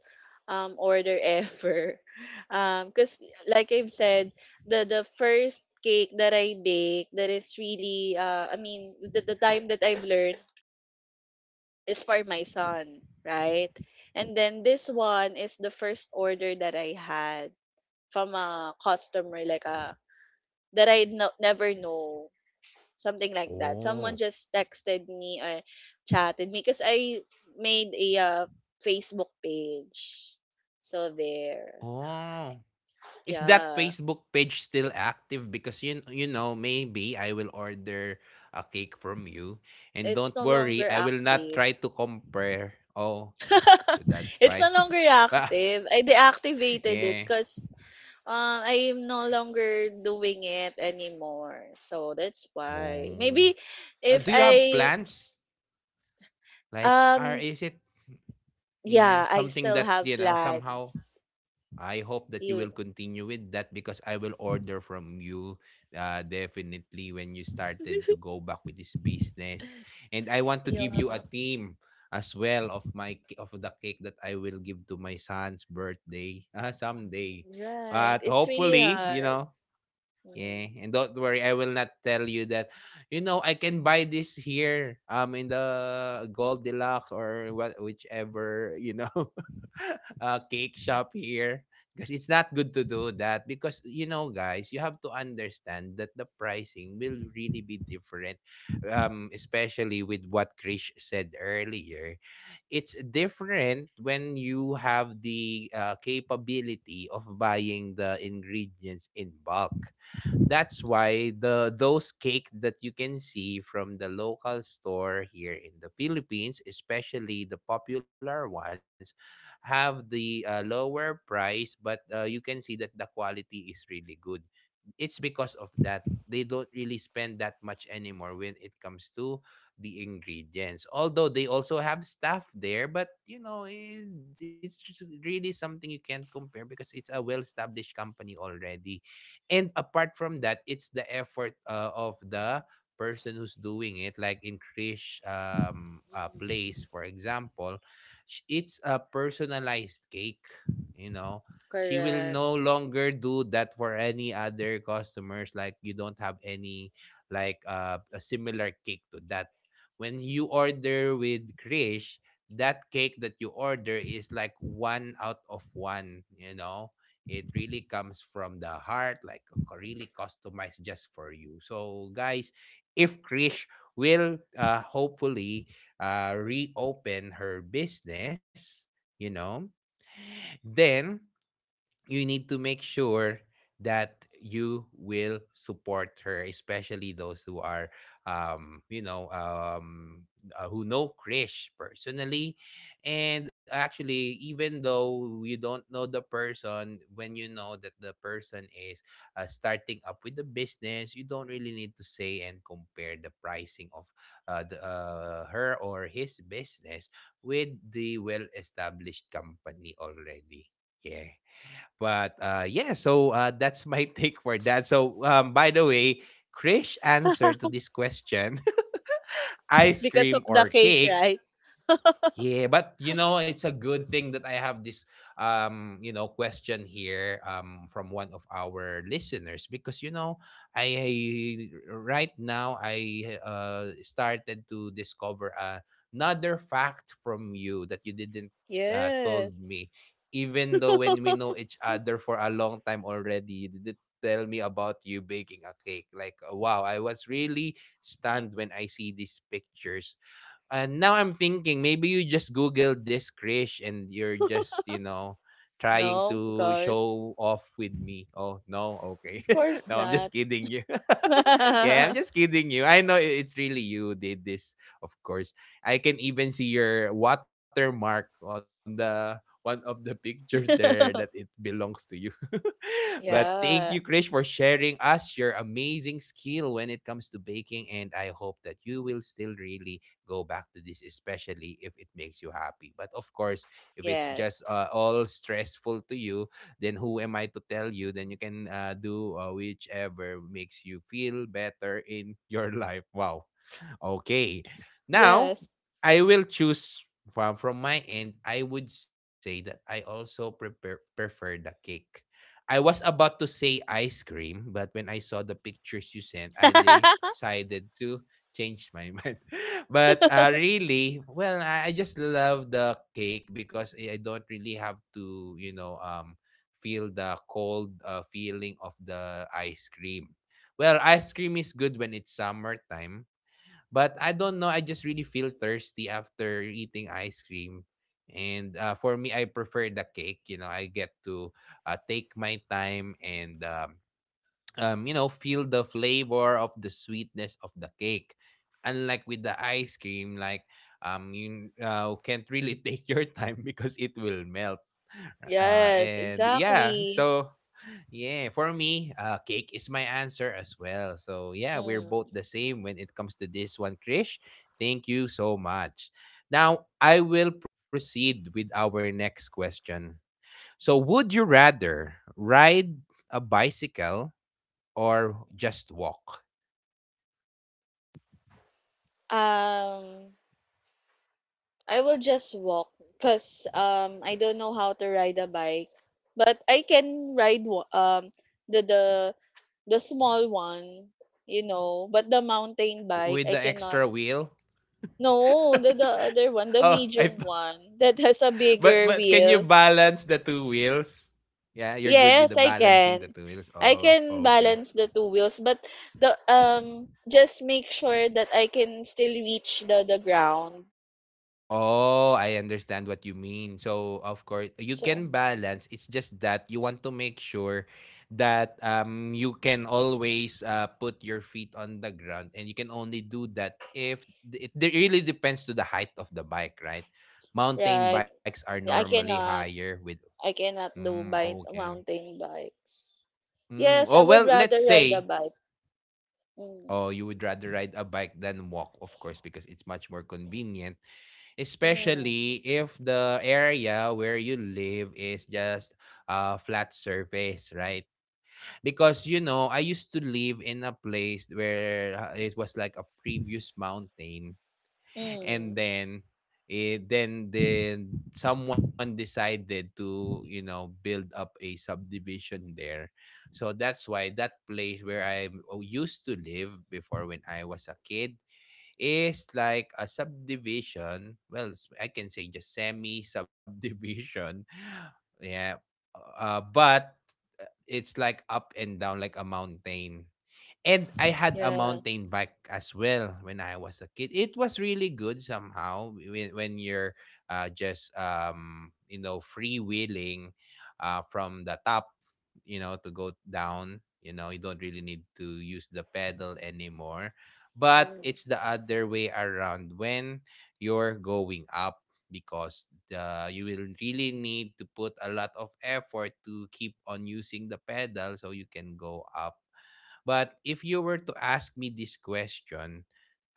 Speaker 2: um order ever. Um, cause like I've said, the the first cake that I bake that is really uh I mean the, the time that I've learned is for my son, right? And then this one is the first order that I had from a customer, like a, that I no, never know. Something like that. Someone
Speaker 1: Oh.
Speaker 2: just texted me or chatted me because I made a uh, Facebook page. So there.
Speaker 1: Oh. Is that
Speaker 2: Yeah.
Speaker 1: Facebook page still active? Because you you know, maybe I will order a cake from you. And
Speaker 2: It's
Speaker 1: don't
Speaker 2: no
Speaker 1: worry,
Speaker 2: longer
Speaker 1: I will not
Speaker 2: active.
Speaker 1: try to compare. Oh, that's
Speaker 2: It's
Speaker 1: fine.
Speaker 2: no longer
Speaker 1: But
Speaker 2: active. I deactivated it
Speaker 1: yeah.
Speaker 2: because um, I am no longer doing it anymore. So that's why.
Speaker 1: Oh.
Speaker 2: Maybe
Speaker 1: Uh,
Speaker 2: if
Speaker 1: do you have
Speaker 2: I
Speaker 1: plans? Like, or
Speaker 2: um
Speaker 1: is it yeah,
Speaker 2: yeah, I
Speaker 1: something that,
Speaker 2: still
Speaker 1: you know,
Speaker 2: have
Speaker 1: somehow
Speaker 2: plans.
Speaker 1: I hope that you will
Speaker 2: You
Speaker 1: continue with that because I will order from you, uh, definitely when you started to go back with this business. And I want to give you a
Speaker 2: yeah.
Speaker 1: theme as well of my of the cake that I will give to my son's birthday uh, someday.
Speaker 2: Right.
Speaker 1: But
Speaker 2: It's really
Speaker 1: hopefully, you
Speaker 2: hard.
Speaker 1: know,
Speaker 2: Mhm.
Speaker 1: yeah, and don't worry, I will not tell you that. You know, I can buy this here, um, in the Gold Deluxe or what, whichever, you know, uh, cake shop here. Because it's not good to do that. Because you know, guys, you have to understand that the pricing will really be different, um, especially with what Krish said earlier. It's different when you have the uh, capability of buying the ingredients in bulk. That's why the those cake that you can see from the local store here in the Philippines, especially the popular ones, have the uh, lower price, but uh, you can see that the quality is really good. It's because of that they don't really spend that much anymore when it comes to the ingredients. Although they also have staff there, but you know it, it's just really something you can't compare because it's a well established company already. And apart from that, it's the effort uh, of the person who's doing it, like in Krish um uh,
Speaker 2: Mm.
Speaker 1: place for example. Sh- it's a personalized cake, you know. She will no
Speaker 2: Correct.
Speaker 1: longer do that for any other customers. Like you don't have any like uh, a similar cake to that when you order with Krish. That cake that you order is like one out of one, you know. It really comes from the heart, like c- really customized just for you. So guys, if Krish will uh, hopefully uh, reopen her business, you know, then you need to make sure that you will support her, especially those who are um you know um uh, who know Krish personally. And actually, even though you don't know the person, when you know that the person is uh, starting up with the business, you don't really need to say and compare the pricing of uh, the, uh, her or his business with the well established company already. Yeah. But uh, yeah, so uh, that's my take for that. So um, by the way, Krish, answer to this question, ice
Speaker 2: Because
Speaker 1: cream
Speaker 2: of the
Speaker 1: or
Speaker 2: cake,
Speaker 1: cake,
Speaker 2: right?
Speaker 1: yeah, but you know, it's a good thing that I have this um, you know, question here um from one of our listeners because you know, I right now I uh started to discover uh, another fact from you that you didn't uh,
Speaker 2: Yes.
Speaker 1: told me even though when we know each other for a long time already, you didn't tell me about you baking a cake. Like, wow, I was really stunned when I see these pictures, and now I'm thinking maybe you just googled this, Krish, and you're just, you know, trying
Speaker 2: No, of
Speaker 1: to
Speaker 2: course.
Speaker 1: show off with me. Oh, no. Okay.
Speaker 2: Of course
Speaker 1: No, I'm
Speaker 2: not.
Speaker 1: just kidding you. Yeah, I'm just kidding you. I know i- it's really you did this, of course. I can even see your watermark on the one of the pictures there that it belongs to you. But thank you, Krish,
Speaker 2: Yeah.
Speaker 1: for sharing us your amazing skill when it comes to baking. And I hope that you will still really go back to this, especially if it makes you happy. But of course, if it's just
Speaker 2: Yes.
Speaker 1: uh, all stressful to you, then who am I to tell you? Then you can uh, do uh, whichever makes you feel better in your life. Wow. Okay. Now,
Speaker 2: Yes.
Speaker 1: I will choose from, from my end. I would say that I also prepare, prefer the cake. I was about to say ice cream, but when I saw the pictures you sent, I decided to change my mind. But uh, really, well, I, I just love the cake because I I don't really have to, you know, um, feel the cold uh, feeling of the ice cream. Well, ice cream is good when it's summertime. But I don't know, I just really feel thirsty after eating ice cream. And uh, for me, I prefer the cake. You know, I get to uh, take my time and, um, um, you know, feel the flavor of the sweetness of the cake. Unlike with the ice cream, like, um, you uh, can't really take your time because it will melt. Uh,
Speaker 2: Yes,
Speaker 1: and yeah, so
Speaker 2: exactly.
Speaker 1: yeah, for me, uh, cake is my answer as well. So yeah, we're both
Speaker 2: Mm.
Speaker 1: the same when it comes to this one, Krish. Thank you so much. Now I will proceed with our next question. So would you rather ride a bicycle or just walk
Speaker 2: Um I will just walk because um I don't know how to ride a bike, but I can ride wa- um the the the small one, you know. But the mountain
Speaker 1: with
Speaker 2: bike,
Speaker 1: the
Speaker 2: I
Speaker 1: extra
Speaker 2: cannot.
Speaker 1: wheel?
Speaker 2: No, the the other one, the
Speaker 1: Oh, I th-
Speaker 2: medium one that has a
Speaker 1: but
Speaker 2: bigger
Speaker 1: but can you
Speaker 2: wheel.
Speaker 1: balance the two wheels? Yeah, you're good with the
Speaker 2: Yes, I
Speaker 1: balancing the
Speaker 2: can.
Speaker 1: two wheels.
Speaker 2: I
Speaker 1: Oh,
Speaker 2: can
Speaker 1: okay.
Speaker 2: balance the two wheels, but the um just make sure that I can still reach the the ground.
Speaker 1: Oh, I understand what you mean. So, of course, you can
Speaker 2: So
Speaker 1: balance. It's just that you want to make sure that um, you can always uh, put your feet on the ground, and you can only do that if it de- really depends to the height of the bike, right? Mountain
Speaker 2: right,
Speaker 1: bikes are
Speaker 2: I
Speaker 1: normally
Speaker 2: cannot.
Speaker 1: higher with.
Speaker 2: I cannot do
Speaker 1: Mm,
Speaker 2: bike
Speaker 1: okay.
Speaker 2: mountain bikes.
Speaker 1: Mm,
Speaker 2: Yes, I
Speaker 1: oh
Speaker 2: would
Speaker 1: well, let's
Speaker 2: rather ride a
Speaker 1: say.
Speaker 2: bike. Mm.
Speaker 1: Oh, you would rather ride a bike than walk, of course, because it's much more convenient,
Speaker 2: Mm.
Speaker 1: especially if the area where you live is just a flat surface, right? Because you know, I used to live in a place where uh, it was like a previous mountain, and
Speaker 2: Mm.
Speaker 1: then it then then someone decided to, you know, build up a subdivision there, so that's why that place where i oh, used to live before when I was a kid is like a subdivision. Well, s- I can say just semi subdivision. Yeah. Uh, but uh, it's like up and down like a mountain. And I had a
Speaker 2: Yeah.
Speaker 1: mountain bike as well when I was a kid. It was really good somehow when, when you're uh, just um, you know, freewheeling uh, from the top, you know, to go down. You know, you don't really need to use the pedal anymore. But
Speaker 2: Mm.
Speaker 1: it's the other way around when you're going up because the you will really need to put a lot of effort to keep on using the pedal so you can go up. But if you were to ask me this question,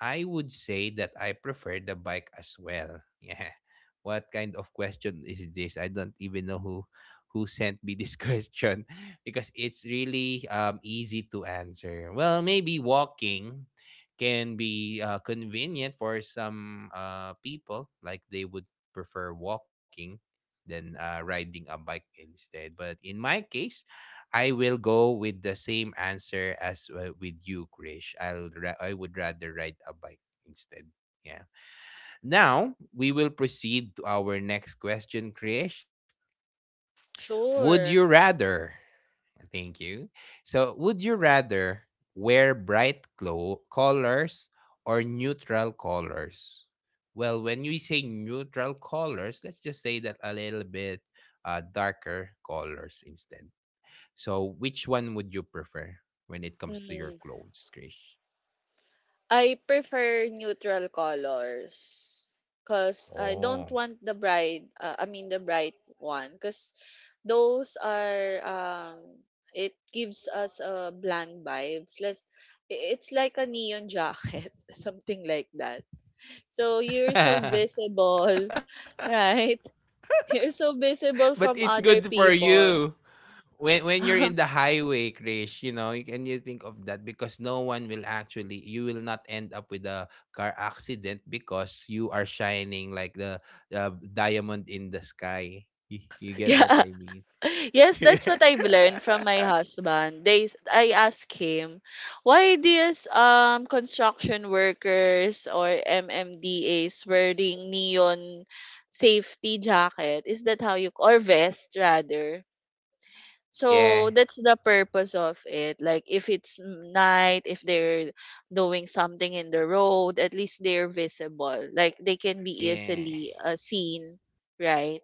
Speaker 1: I would say that I prefer the bike as well. Yeah. What kind of question is this? I don't even know who who sent me this question because it's really um easy to answer. Well, maybe walking can be uh, convenient for some uh people, like they would prefer walking than uh, riding a bike instead. But in my case, I will go with the same answer as uh, with you, Krish. I'll ra- I would rather ride a bike instead. Yeah. Now we will proceed to our next question, Krish. Would
Speaker 2: Sure.
Speaker 1: you rather? Thank you. So, would you rather wear bright clo- colors or neutral colors? Well, when we say neutral colors, let's just say that a little bit uh, darker colors instead. So, which one would you prefer when it comes to your
Speaker 2: Mm.
Speaker 1: clothes, Krish?
Speaker 2: I prefer neutral colors because I don't
Speaker 1: Oh.
Speaker 2: want the bright, uh, I mean the bright one, because those are, um, it gives us a bland vibes. Let's, i- it's like a neon jacket, something like that. So you're so
Speaker 1: But
Speaker 2: visible, right? You're so visible
Speaker 1: it's
Speaker 2: from
Speaker 1: good
Speaker 2: other
Speaker 1: for you.
Speaker 2: people.
Speaker 1: When when you're in the highway, Krish, you know, you can you think of that because no one will actually you will not end up with a car accident because you are shining like the uh, diamond in the sky. You, you get what I
Speaker 2: Yeah.
Speaker 1: mean?
Speaker 2: Yes, that's what I've learned from my husband. They s- I asked him, why these um construction workers or M M D As wearing neon safety jacket? Is that how you, or vest rather?
Speaker 1: Oh yeah.
Speaker 2: So that's the purpose of it. Like if it's m- night, if they're doing something in the road, at least they're visible. Like they can be
Speaker 1: Yeah.
Speaker 2: easily uh, seen, right?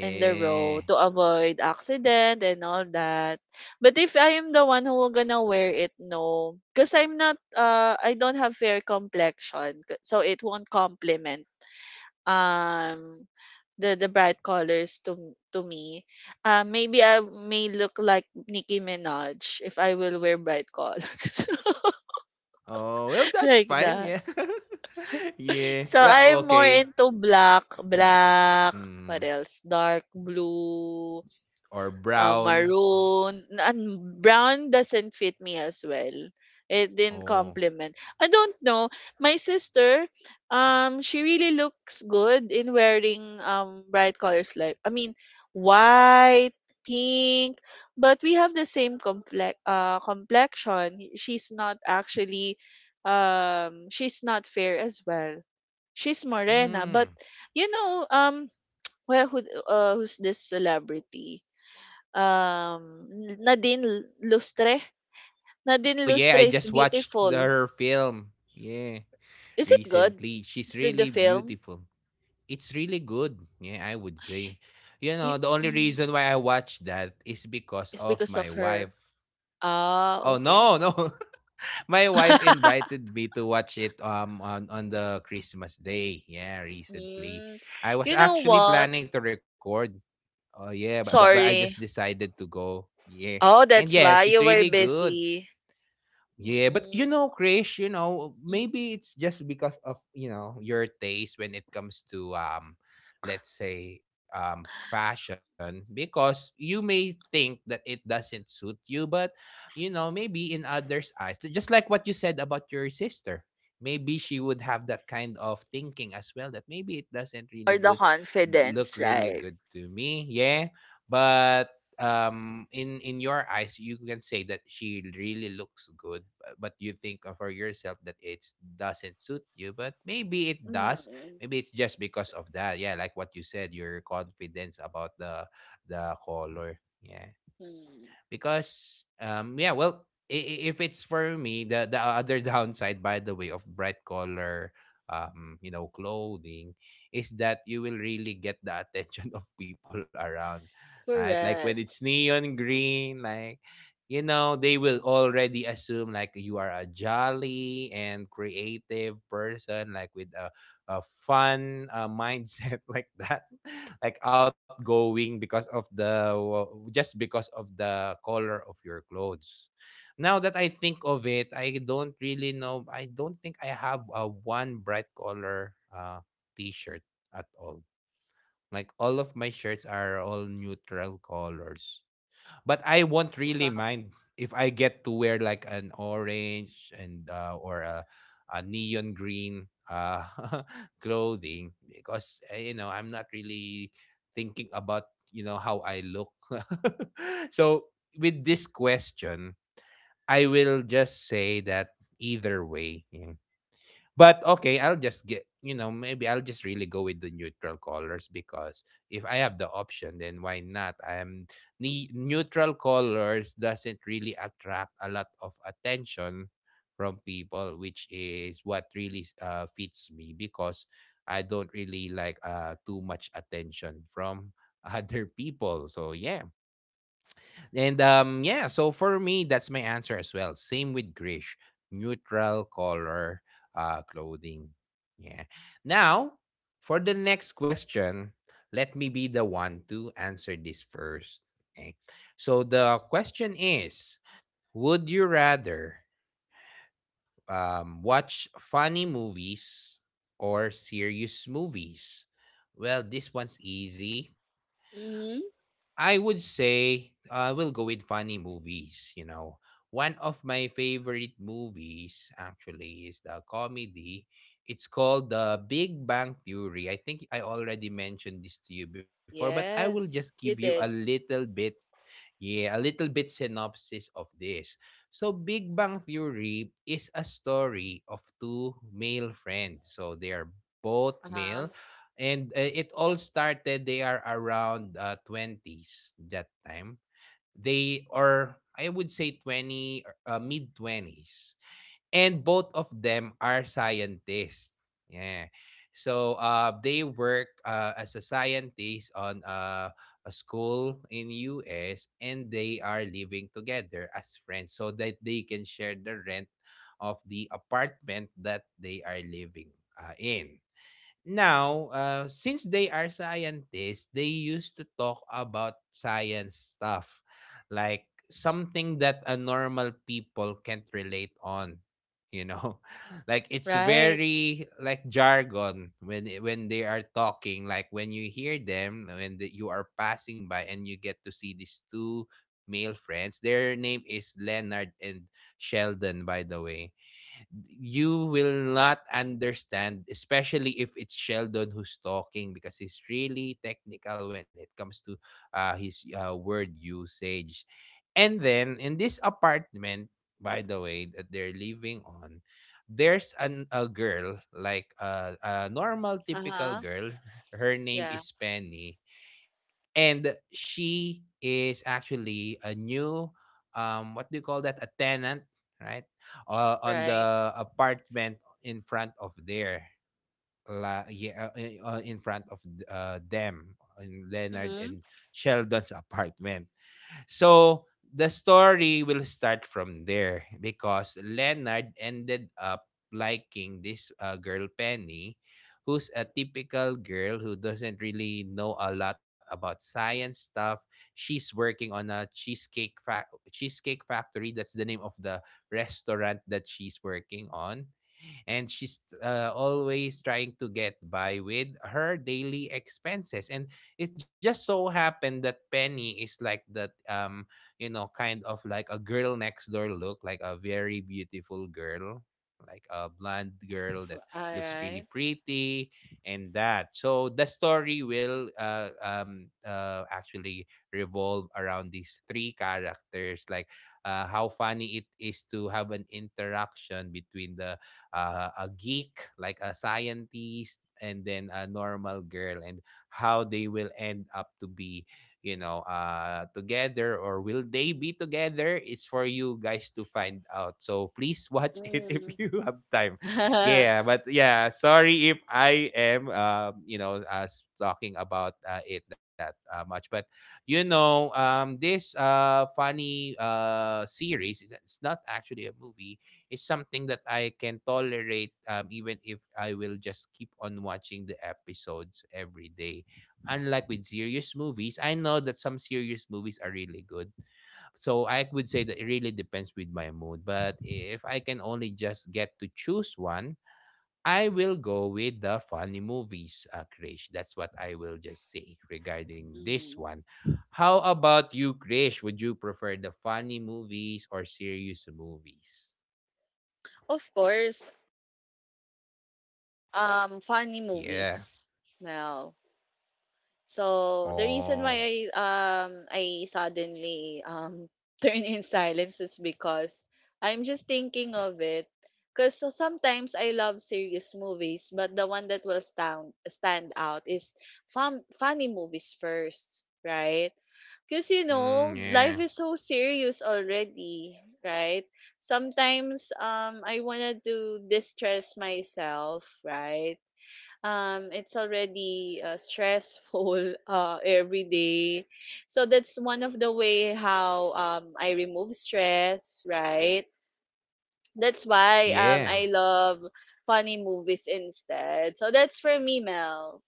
Speaker 2: In the road, to avoid accident and all that. But if I am the one who gonna wear it, no, because I'm not. Uh, I don't have fair complexion, c- so it won't complement. Um, the the bright colors to to me. Uh, maybe I may look like Nicki Minaj if I will wear bright colors
Speaker 1: Oh, well, that's
Speaker 2: like
Speaker 1: fine.
Speaker 2: that.
Speaker 1: Yeah. yeah.
Speaker 2: So
Speaker 1: Well,
Speaker 2: I'm more
Speaker 1: okay.
Speaker 2: into black,
Speaker 1: Mm.
Speaker 2: black.
Speaker 1: Mm.
Speaker 2: What else? Dark blue.
Speaker 1: Or
Speaker 2: Um,
Speaker 1: brown.
Speaker 2: maroon, n- and brown doesn't fit me as well. It didn't
Speaker 1: Oh.
Speaker 2: complement. I don't know. My sister, um, she really looks good in wearing um bright colors, like I mean white, pink, but we have the same complex uh complexion. She's not actually um she's not fair as well. She's morena, but
Speaker 1: Mm.
Speaker 2: you know um well who uh, who's this celebrity? Um, Nadine Lustre.
Speaker 1: Oh,
Speaker 2: Nadine
Speaker 1: yeah.
Speaker 2: Lustre
Speaker 1: I
Speaker 2: is
Speaker 1: just watched the-
Speaker 2: beautiful.
Speaker 1: her film. Yeah.
Speaker 2: Is it good?
Speaker 1: Recently. She's
Speaker 2: The, the
Speaker 1: really
Speaker 2: film?
Speaker 1: beautiful. It's really good. Yeah, I would say. You
Speaker 2: You,
Speaker 1: know, the only
Speaker 2: mm,
Speaker 1: reason why I watched that is because
Speaker 2: it's
Speaker 1: of
Speaker 2: because
Speaker 1: my
Speaker 2: of her.
Speaker 1: wife.
Speaker 2: Ah,
Speaker 1: Oh,
Speaker 2: okay.
Speaker 1: no, no. My wife invited me to watch it um on on the Christmas day. Yeah, recently.
Speaker 2: Mm,
Speaker 1: I was
Speaker 2: you know
Speaker 1: actually
Speaker 2: what?
Speaker 1: planning to record. Oh yeah, but but, but I just
Speaker 2: Sorry.
Speaker 1: decided to go. Yeah.
Speaker 2: Oh,
Speaker 1: And
Speaker 2: that's
Speaker 1: yeah,
Speaker 2: why
Speaker 1: she's
Speaker 2: you
Speaker 1: really
Speaker 2: were
Speaker 1: good.
Speaker 2: busy.
Speaker 1: Yeah, but you
Speaker 2: Mm.
Speaker 1: know, Krish, you know,
Speaker 2: Mm.
Speaker 1: maybe it's just because of, you know, your taste when it comes to um let's say um fashion because you may think that it doesn't suit you, but you know, maybe in others' eyes, t- just like what you said about your sister, maybe she would have that kind of thinking as well that maybe it doesn't
Speaker 2: Or
Speaker 1: really
Speaker 2: the
Speaker 1: good
Speaker 2: confidence,
Speaker 1: look really
Speaker 2: right?
Speaker 1: good to me. Yeah. But um in in your eyes you can say that she really looks good bu- but you think of for yourself that it doesn't suit you but maybe it does,
Speaker 2: Mm.
Speaker 1: maybe it's just because of that, yeah, like what you said, your confidence about the the color, yeah,
Speaker 2: Mm.
Speaker 1: because um yeah, well, i- i- if it's for me the the other downside by the way of bright color um you know clothing is that you will really get the attention of people around, right, like when
Speaker 2: Correct.
Speaker 1: it's neon green, like, you know, they will already assume like you are a jolly and creative person like with a, a fun uh, mindset like that, like outgoing because of the just because of the color of your clothes. Now that I think of it, I don't really know. I don't think I have a one bright color uh t-shirt at all. Like all of my shirts are all neutral colors. But I won't really
Speaker 2: Yeah.
Speaker 1: mind if I get to wear like an orange and uh, or a, a neon green uh, clothing because uh, you know I'm not really thinking about, you know, how I look. So with this question, I will just say that either way, yeah, but okay, I'll just get, you know, maybe I'll just really go with the neutral colors because if I have the option, then why not? I'm ne- neutral colors doesn't really attract a lot of attention from people, which is what really uh, fits me because I don't really like uh, too much attention from other people. So yeah, and um yeah, so for me that's my answer as well. Same with Grish. Neutral color uh clothing. Yeah. Now, for the next question, let me be the one to answer this first. Okay. So the question is, would you rather um watch funny movies or serious movies? Well, this one's easy.
Speaker 2: Mm-hmm.
Speaker 1: I would say I will go with funny movies, you know. One of my favorite movies actually is the comedy. It's called The Big Bang Theory. I think I already mentioned this to you before, but I will
Speaker 2: Yes,
Speaker 1: just
Speaker 2: you
Speaker 1: give you a
Speaker 2: did.
Speaker 1: little bit. Yeah, a little bit synopsis of this. So Big Bang Theory is a story of two male friends. So they are both
Speaker 2: Uh-huh.
Speaker 1: male and uh, it all started they are around uh, twenties that time. They are I would say twenty or, uh, mid twenties. And both of them are scientists. Yeah. So uh, they work uh, as a scientist on uh, a school in U S and they are living together as friends so that they can share the rent of the apartment that they are living uh, in. Now, uh, since they are scientists, they used to talk about science stuff, like something that a normal people can't relate on. You know, like it's
Speaker 2: Right.
Speaker 1: very like jargon when they- when they are talking. Like when you hear them, when the, you are passing by and you get to see these two male friends. Their name is Leonard and Sheldon, by the way, you will not understand, especially if it's Sheldon who's talking, because he's really technical when it comes to uh, his uh, word usage. And then in this apartment, by the way, that they're living on, there's an, a girl, like uh, a normal,
Speaker 2: Uh-huh.
Speaker 1: typical girl. Her name
Speaker 2: Yeah,
Speaker 1: is Penny and she is actually a new um what do you call that, a tenant, right, uh, on
Speaker 2: right.
Speaker 1: the apartment in front of there. la, yeah, uh, in uh, front of uh, them, in Leonard
Speaker 2: Mm-hmm.
Speaker 1: and Sheldon's apartment. So the story will start from there because Leonard ended up liking this uh, girl, Penny, who's a typical girl who doesn't really know a lot about science stuff. She's working on a cheesecake fa- cheesecake factory. That's the name of the restaurant that she's working on, and she's uh, always trying to get by with her daily expenses. And it just so happened that Penny is like that, um you know kind of like a girl next door, look like a very beautiful girl, like a blonde girl that looks really
Speaker 2: Alright.
Speaker 1: pretty. And that so the story will uh, um uh, actually revolve around these three characters, like uh, how funny it is to have an interaction between the uh, a geek, like a scientist, and then a normal girl, and how they will end up to be, you know, uh, together, or will they be together, is for you guys to find out. So please watch it if
Speaker 2: Mm-hmm.
Speaker 1: you have time. Yeah, but yeah, sorry if I am, um, you know, uh, s- talking about uh, it that uh, much, but you know um this uh funny uh series, it's it's not actually a movie, is something that I can tolerate, um, even if I will just keep on watching the episodes every day. Unlike with serious movies, I know that some serious movies are really good. So I would say that it really depends with my mood. But if I can only just get to choose one, I will go with the funny movies, uh, Krish. That's what I will just say regarding this
Speaker 2: Hmm.
Speaker 1: one. How about you, Krish? Would you prefer the funny movies or serious movies?
Speaker 2: Of course, um, funny
Speaker 1: Yeah.
Speaker 2: movies. Well, so the
Speaker 1: Oh.
Speaker 2: reason why I um I suddenly um turn in silence is because I'm just thinking of it. Cause so sometimes I love serious movies, but the one that will stand stand out is fun funny movies first, right? Because, you
Speaker 1: Mm,
Speaker 2: know,
Speaker 1: yeah.
Speaker 2: life is so serious already, right? Sometimes um, I wanted to distress myself, right? Um, it's already uh, stressful uh, every day. So that's one of the way how um, I remove stress, right? That's why um,
Speaker 1: Yeah.
Speaker 2: I love funny movies instead. So that's for me, Mel.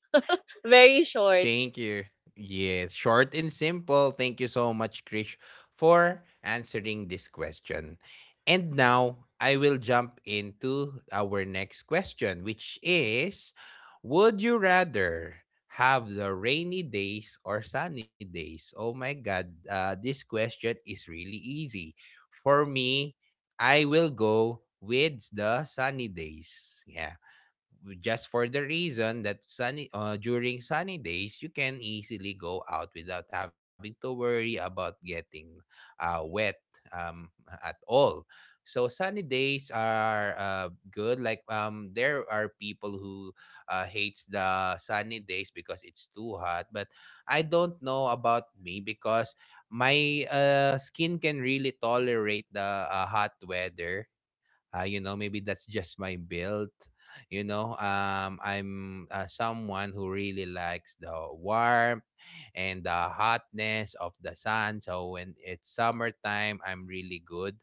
Speaker 2: Very short.
Speaker 1: Thank you. Yeah. Short and simple. Thank you so much, Krish, for answering this question. And now I will jump into our next question, which is, would you rather have the rainy days or sunny days? Oh my God. Uh, this question is really easy. For me, I will go with the sunny days. Yeah. Just for the reason that sunny uh, during sunny days you can easily go out without having to worry about getting uh, wet um, at all. So sunny days are uh, good. Like, um, there are people who uh, hates the sunny days because it's too hot, but I don't know about me, because my uh, skin can really tolerate the uh, hot weather. Uh, you know, maybe that's just my build. You know, um I'm uh, someone who really likes the warmth and the hotness of the sun, so when it's summertime I'm really good.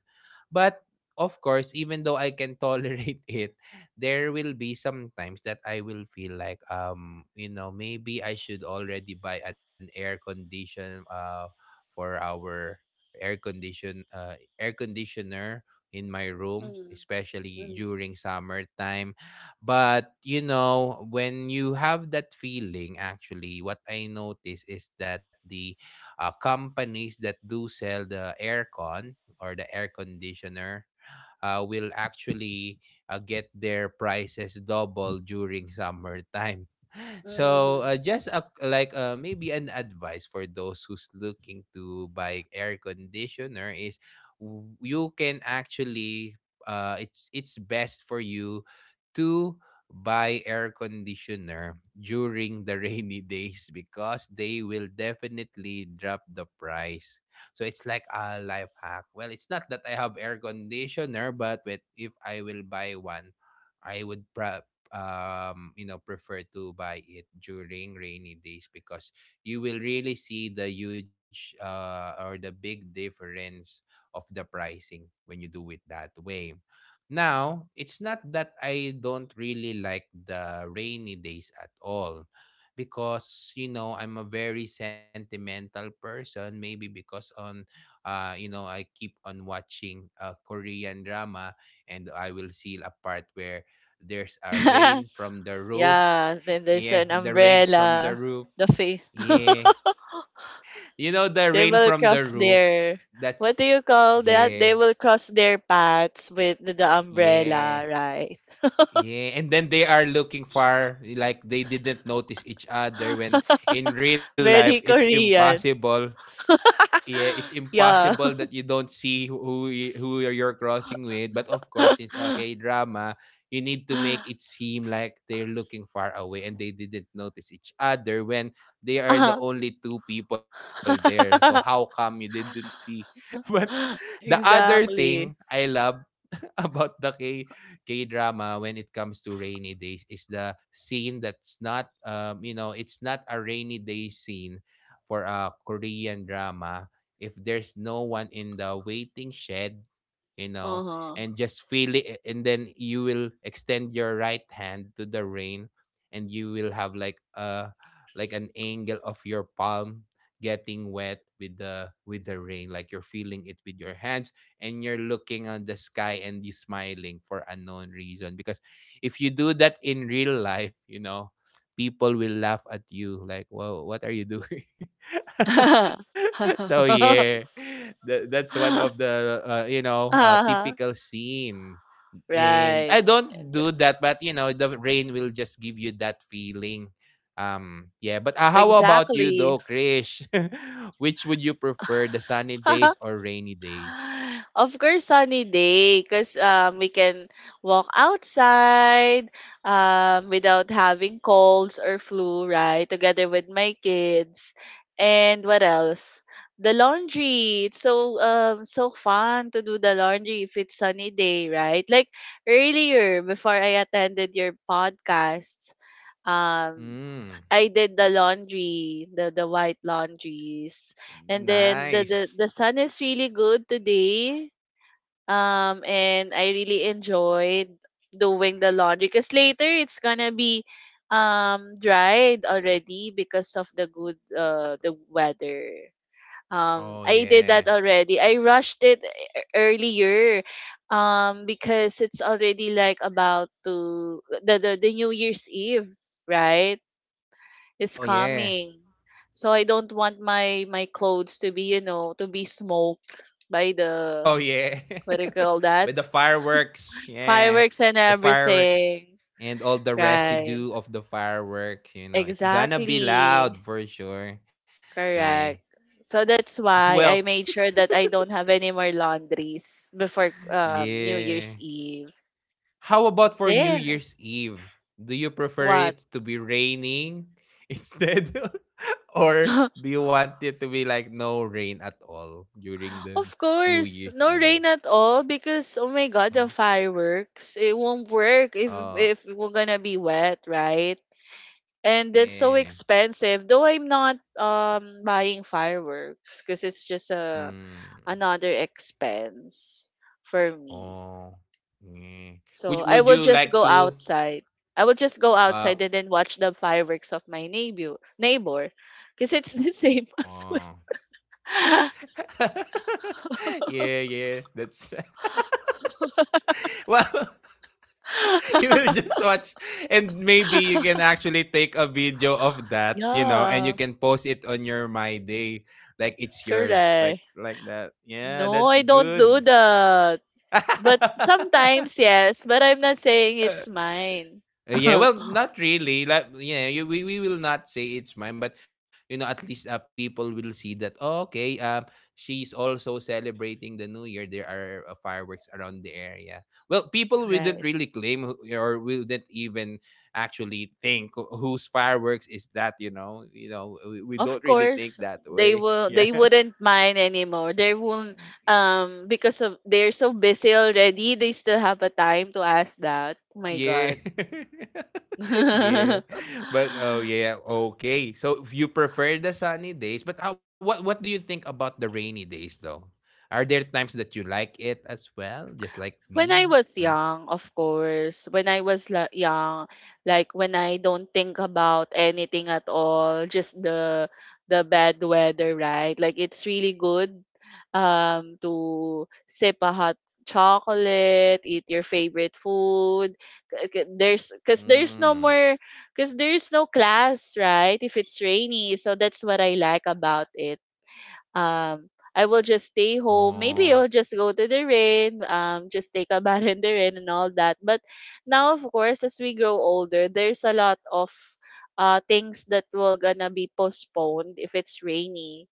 Speaker 1: But of course, even though I can tolerate it, there will be sometimes that I will feel like, um you know maybe I should already buy an air condition, uh for our air condition, uh air conditioner, in my room,
Speaker 2: Mm-hmm.
Speaker 1: especially during summertime. But you know, when you have that feeling, actually, what I notice is that the uh, companies that do sell the aircon or the air conditioner uh, will actually uh, get their prices double during summertime. So
Speaker 2: Mm-hmm.
Speaker 1: uh, just a, like uh, maybe an advice for those who's looking to buy air conditioner is, w- you can actually uh, it's it's best for you to buy air conditioner during the rainy days, because they will definitely drop the price. So it's like a life hack. Well, it's not that I have air conditioner, but with, if I will buy one, I would pro- um, you know, prefer to buy it during rainy days, because you will really see the huge uh, or the big difference of the pricing when you do it that way. Now, it's not that I don't really like the rainy days at all, because you know, I'm a very sentimental person, maybe because on, uh you know I keep on watching a Korean drama, and I will see a part where there's a rain from the roof.
Speaker 2: Yeah, then there's an
Speaker 1: Yeah, the rain from the
Speaker 2: umbrella,
Speaker 1: roof.
Speaker 2: the face.
Speaker 1: Yeah. You know the
Speaker 2: They
Speaker 1: rain
Speaker 2: will
Speaker 1: from the
Speaker 2: cross
Speaker 1: roof?
Speaker 2: their, what do
Speaker 1: That's
Speaker 2: you call that?
Speaker 1: yeah.
Speaker 2: They will cross their paths with the umbrella,
Speaker 1: Yeah.
Speaker 2: right?
Speaker 1: Yeah, and then they are looking far, like they didn't notice each other, when in real life
Speaker 2: Very
Speaker 1: it's
Speaker 2: Korean.
Speaker 1: impossible. Yeah, it's impossible
Speaker 2: Yeah.
Speaker 1: that you don't see who who, y- who you're you're crossing with. But of course, since okay drama, you need to make it seem like they're looking far away and they didn't notice each other when they are the
Speaker 2: Uh-huh.
Speaker 1: only two people there. So how come you didn't see? But the other thing I
Speaker 2: Exactly.
Speaker 1: love about the K K drama when it comes to rainy days is the scene that's not, um you know it's not a rainy day scene for a Korean drama if there's no one in the waiting shed, you know,
Speaker 2: Uh-huh.
Speaker 1: and just feel it, and then you will extend your right hand to the rain and you will have like a, like an angle of your palm getting wet with the with the rain, like you're feeling it with your hands, and you're looking on the sky and you are smiling for unknown reason, because if you do that in real life, you know, people will laugh at you like, whoa, what are you doing? So yeah, that, that's one of the uh, you know uh,
Speaker 2: Uh-huh.
Speaker 1: typical scene. And
Speaker 2: Right.
Speaker 1: I don't do that, but you know, the rain will just give you that feeling. Um yeah, but uh, how about you
Speaker 2: Exactly.
Speaker 1: though, Krish? Which would you prefer, the sunny days or rainy days?
Speaker 2: Of course, sunny day, because um, we can walk outside um, without having colds or flu, right? Together with my kids. And what else? The laundry. It's so um so fun to do the laundry if it's sunny day, right? Like earlier, before I attended your podcasts, um
Speaker 1: Mm,
Speaker 2: I did the laundry, the the white laundries. And then the
Speaker 1: nice.
Speaker 2: the, the sun is really good today. Um and I really enjoyed doing the laundry because later it's gonna be um dried already because of the good uh the weather.
Speaker 1: Oh
Speaker 2: Um I
Speaker 1: yeah.
Speaker 2: did that already. I rushed it e- earlier um because it's already like about to the the, the New Year's Eve, right? Is
Speaker 1: Oh yeah.
Speaker 2: coming. So I don't want my my clothes to be, you know, to be smoked by the,
Speaker 1: Oh yeah.
Speaker 2: what do you call that?
Speaker 1: But the fireworks, yeah.
Speaker 2: Fireworks and
Speaker 1: The fireworks
Speaker 2: everything.
Speaker 1: and all the
Speaker 2: Right.
Speaker 1: residue of the fireworks, you know, it's gonna be
Speaker 2: Exactly.
Speaker 1: loud for sure. Yeah.
Speaker 2: Correct. So that's why
Speaker 1: Well,
Speaker 2: I made sure that I don't have any more laundries before um New Year's
Speaker 1: yeah.
Speaker 2: Eve.
Speaker 1: How about for New
Speaker 2: There.
Speaker 1: Year's Eve? Do you prefer
Speaker 2: What?
Speaker 1: it to be raining instead? Or do you want it to be like no rain at all during the
Speaker 2: Of
Speaker 1: New
Speaker 2: course,
Speaker 1: Year's
Speaker 2: no
Speaker 1: Eve?
Speaker 2: rain at all, because oh my god,
Speaker 1: Uh-huh.
Speaker 2: the fireworks it won't work if
Speaker 1: Uh
Speaker 2: if we're gonna be wet, right? And that's so
Speaker 1: yeah.
Speaker 2: expensive. Though I'm not um buying fireworks, because it's just a
Speaker 1: Hmm.
Speaker 2: another expense for me.
Speaker 1: Oh. Yeah. Would
Speaker 2: So I
Speaker 1: would
Speaker 2: will
Speaker 1: you
Speaker 2: just
Speaker 1: like
Speaker 2: go
Speaker 1: to
Speaker 2: outside. I will just go
Speaker 1: uh
Speaker 2: outside and then watch the fireworks of my neighbor neighbor because it's the same
Speaker 1: oh
Speaker 2: as well.
Speaker 1: yeah, yeah. That's well you will just watch, and maybe you can actually take a video of that, you know, and you
Speaker 2: Yeah.
Speaker 1: can post it on your my day, like it's yours, like
Speaker 2: Correct.
Speaker 1: like that, yeah,
Speaker 2: No,
Speaker 1: that's
Speaker 2: I don't
Speaker 1: good.
Speaker 2: do that. But sometimes, yes, but I'm not saying it's mine.
Speaker 1: Uh, yeah, well, not really. Like, yeah, you, we we will not say it's mine, but you know, at least uh, people will see that. "Oh, okay, um, she's also celebrating the New Year. There are uh, fireworks around the area." Well, people wouldn't
Speaker 2: Right.
Speaker 1: really claim who- or wouldn't even actually think wh- whose fireworks is that. You know, you know, we, we don't
Speaker 2: Of
Speaker 1: really
Speaker 2: course,
Speaker 1: think that
Speaker 2: they
Speaker 1: way.
Speaker 2: will, they wouldn't mind anymore. They won't
Speaker 1: Yeah.
Speaker 2: um because of they're so busy already, they still have a time to ask that. Oh my
Speaker 1: Yeah.
Speaker 2: god.
Speaker 1: yeah. But oh yeah, okay. So if you prefer the sunny days, but uh, what what do you think about the rainy days though? Are there times that you like it as well, just like me?
Speaker 2: When I
Speaker 1: Right?
Speaker 2: was young, of course, when I was la- young, like when I don't think about anything at all, just the the bad weather, right? Like it's really good um to sip a hot chocolate, eat your favorite food. K- k- There's, cuz there's
Speaker 1: Mm.
Speaker 2: no more cuz there's no class, right? If it's rainy. So that's what I like about it. Um, I will just stay home.
Speaker 1: Oh.
Speaker 2: Maybe I'll just go to the rain, um, just take a bath in the rain and all that. But now, of course, as we grow older, there's a lot of uh, things that will gonna be postponed if it's rainy,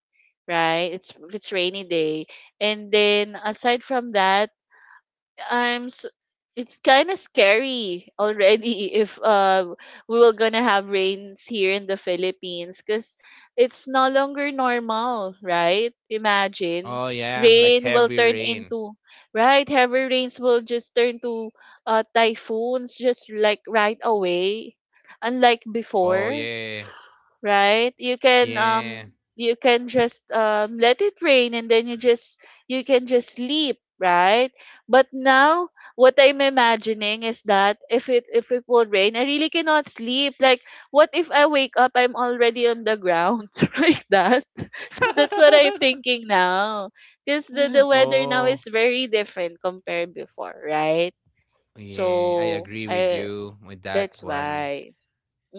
Speaker 2: right? It's if it's rainy day. And then aside from that, I'm s it's kind of scary already if uh we were gonna have rains here in the Philippines, because it's no longer normal, right?
Speaker 1: Oh
Speaker 2: Imagine
Speaker 1: yeah, like
Speaker 2: rain
Speaker 1: heavy
Speaker 2: will turn
Speaker 1: rain.
Speaker 2: into right, heavy rains will just turn to uh typhoons just like right away, unlike
Speaker 1: Oh
Speaker 2: before,
Speaker 1: yeah.
Speaker 2: right? You can
Speaker 1: Yeah.
Speaker 2: um you can just um, let it rain and then you just, you can just sleep right. But now, what I'm imagining is that if it if it will rain, I really cannot sleep. Like, what if I wake up, I'm already on the ground, like that. So that's what I'm thinking now, because the, the weather now
Speaker 1: oh.
Speaker 2: is very different compared before, right?
Speaker 1: Yeah, I
Speaker 2: So
Speaker 1: agree with
Speaker 2: I,
Speaker 1: you with that
Speaker 2: that's
Speaker 1: one.
Speaker 2: why,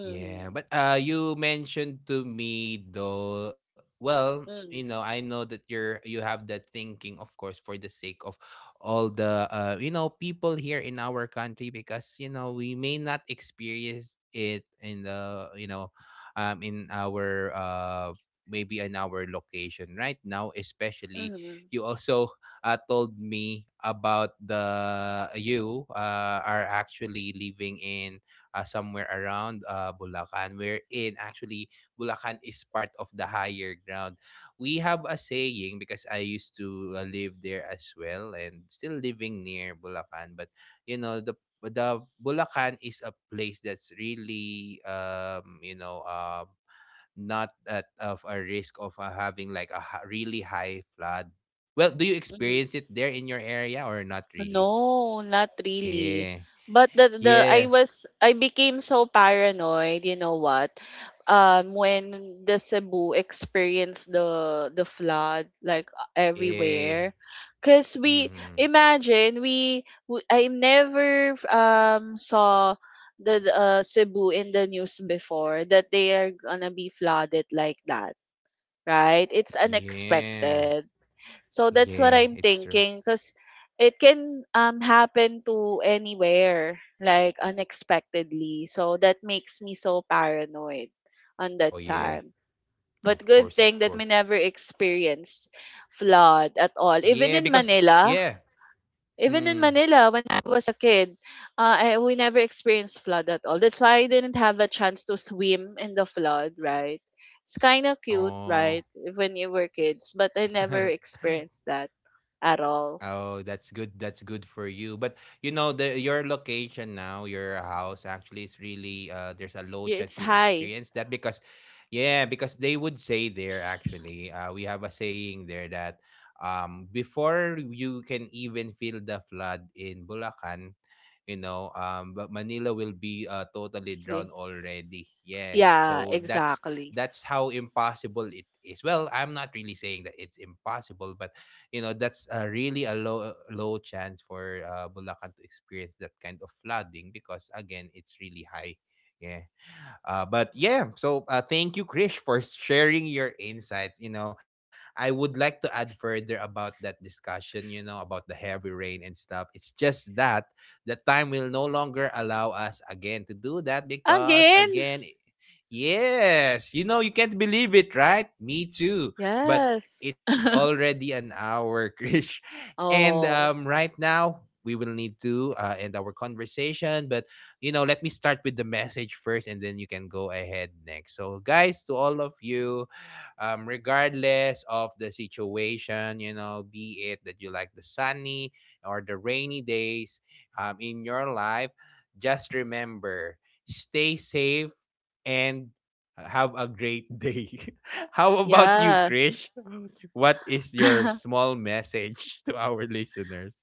Speaker 1: Yeah, but uh you mentioned to me though, well, you know,
Speaker 2: mm-hmm,
Speaker 1: I know that you're you have that thinking of course for the sake of all the uh you know people here in our country, because you know, we may not experience it in the, you know, um in our uh maybe in our location right now. Especially
Speaker 2: mm-hmm,
Speaker 1: you also uh, told me about the you uh, are actually living in uh, somewhere around uh, Bulacan, wherein actually Bulacan is part of the higher ground. We have a saying, because I used to uh, live there as well and still living near Bulacan, but you know, the the Bulacan is a place that's really, um you know uh not at of a risk of uh, having like a ha- really high flood. Well, do you
Speaker 2: mm-hmm.
Speaker 1: experience it there in your area or not really?
Speaker 2: No, not really.
Speaker 1: Yeah.
Speaker 2: But the the I
Speaker 1: Yeah.
Speaker 2: was, I became so paranoid, you know what? Um when the Cebu experienced the the flood, like
Speaker 1: Yeah.
Speaker 2: everywhere. Cause we
Speaker 1: Mhm.
Speaker 2: imagine we, we I never um saw the the, uh, Cebu in the news before, that they are gonna be flooded like that, right? It's
Speaker 1: Yeah.
Speaker 2: unexpected. So that's what
Speaker 1: Yeah,
Speaker 2: I'm
Speaker 1: it's true.
Speaker 2: thinking, because it can um happen to anywhere like unexpectedly. So that makes me so paranoid on that
Speaker 1: Oh yeah.
Speaker 2: time. But
Speaker 1: Of
Speaker 2: good
Speaker 1: course, of
Speaker 2: thing that we
Speaker 1: course.
Speaker 2: never experienced flood at all.
Speaker 1: Yeah,
Speaker 2: Even in
Speaker 1: because
Speaker 2: Manila,
Speaker 1: yeah.
Speaker 2: even in
Speaker 1: Hmm.
Speaker 2: Manila when I was a kid, uh, I, we never experienced flood at all. That's why I didn't have a chance to swim in the flood, right? It's kind of cute,
Speaker 1: Oh.
Speaker 2: right? When you were kids, but I never experienced that at all.
Speaker 1: Oh, that's good. That's good for you. But you know, the your location now, your house actually is really uh there's a low
Speaker 2: Yeah, it's
Speaker 1: chance you'll
Speaker 2: high.
Speaker 1: experience that, because yeah, because they would say there actually, uh we have a saying there that um before you can even feel the flood in Bulacan, you know, um but Manila will be uh, totally
Speaker 2: We-
Speaker 1: drowned already. Yeah,
Speaker 2: Yeah,
Speaker 1: so that's
Speaker 2: exactly.
Speaker 1: that's how impossible it is. Well, I'm not really saying that it's impossible, but you know, that's uh, really a low low chance for uh, Bulacan to experience that kind of flooding, because again, it's really high. Yeah. Uh, but yeah, so uh, thank you, Krish, for sharing your insights. You know, I would like to add further about that discussion, you know, about the heavy rain and stuff. It's just that the time will no longer allow us again to do that because,
Speaker 2: Again?
Speaker 1: again, yes, you know, you can't believe it, right? Me too. But
Speaker 2: Yes.
Speaker 1: it's already an hour, Krish. And um,
Speaker 2: Oh,
Speaker 1: right now, we will need to uh, end our conversation. But you know, let me start with the message first, and then you can go ahead next. So, guys, to all of you, um, regardless of the situation, you know, be it that you like the sunny or the rainy days um, in your life, just remember, stay safe and have a great day. How about you,
Speaker 2: yeah.
Speaker 1: Krish? What is your small message to our listeners?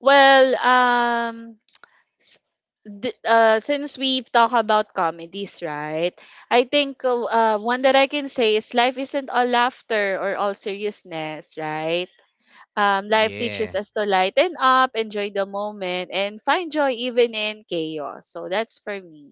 Speaker 2: Well, um, s- th- uh, since we've talked about comedies, right? I think uh, uh, one that I can say is life isn't all laughter or all seriousness, right? Um, life teaches
Speaker 1: Yeah.
Speaker 2: us to lighten up, enjoy the moment, and find joy even in chaos. So that's for me.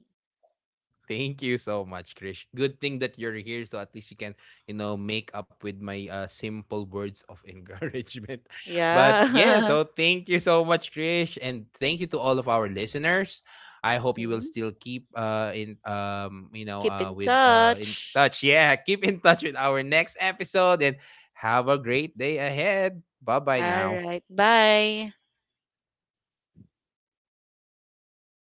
Speaker 1: Thank you so much, Krish. Good thing that you're here, so at least you can, you know, make up with my uh, simple words of encouragement. But yeah,
Speaker 2: Yeah.
Speaker 1: so thank you so much, Krish, and thank you to all of our listeners. I hope you will still keep uh in um you know
Speaker 2: Keep
Speaker 1: uh
Speaker 2: in
Speaker 1: with uh in
Speaker 2: touch.
Speaker 1: touch. Yeah, keep in touch with our next episode and have a great day ahead. Bye bye
Speaker 2: All
Speaker 1: now.
Speaker 2: right. Bye.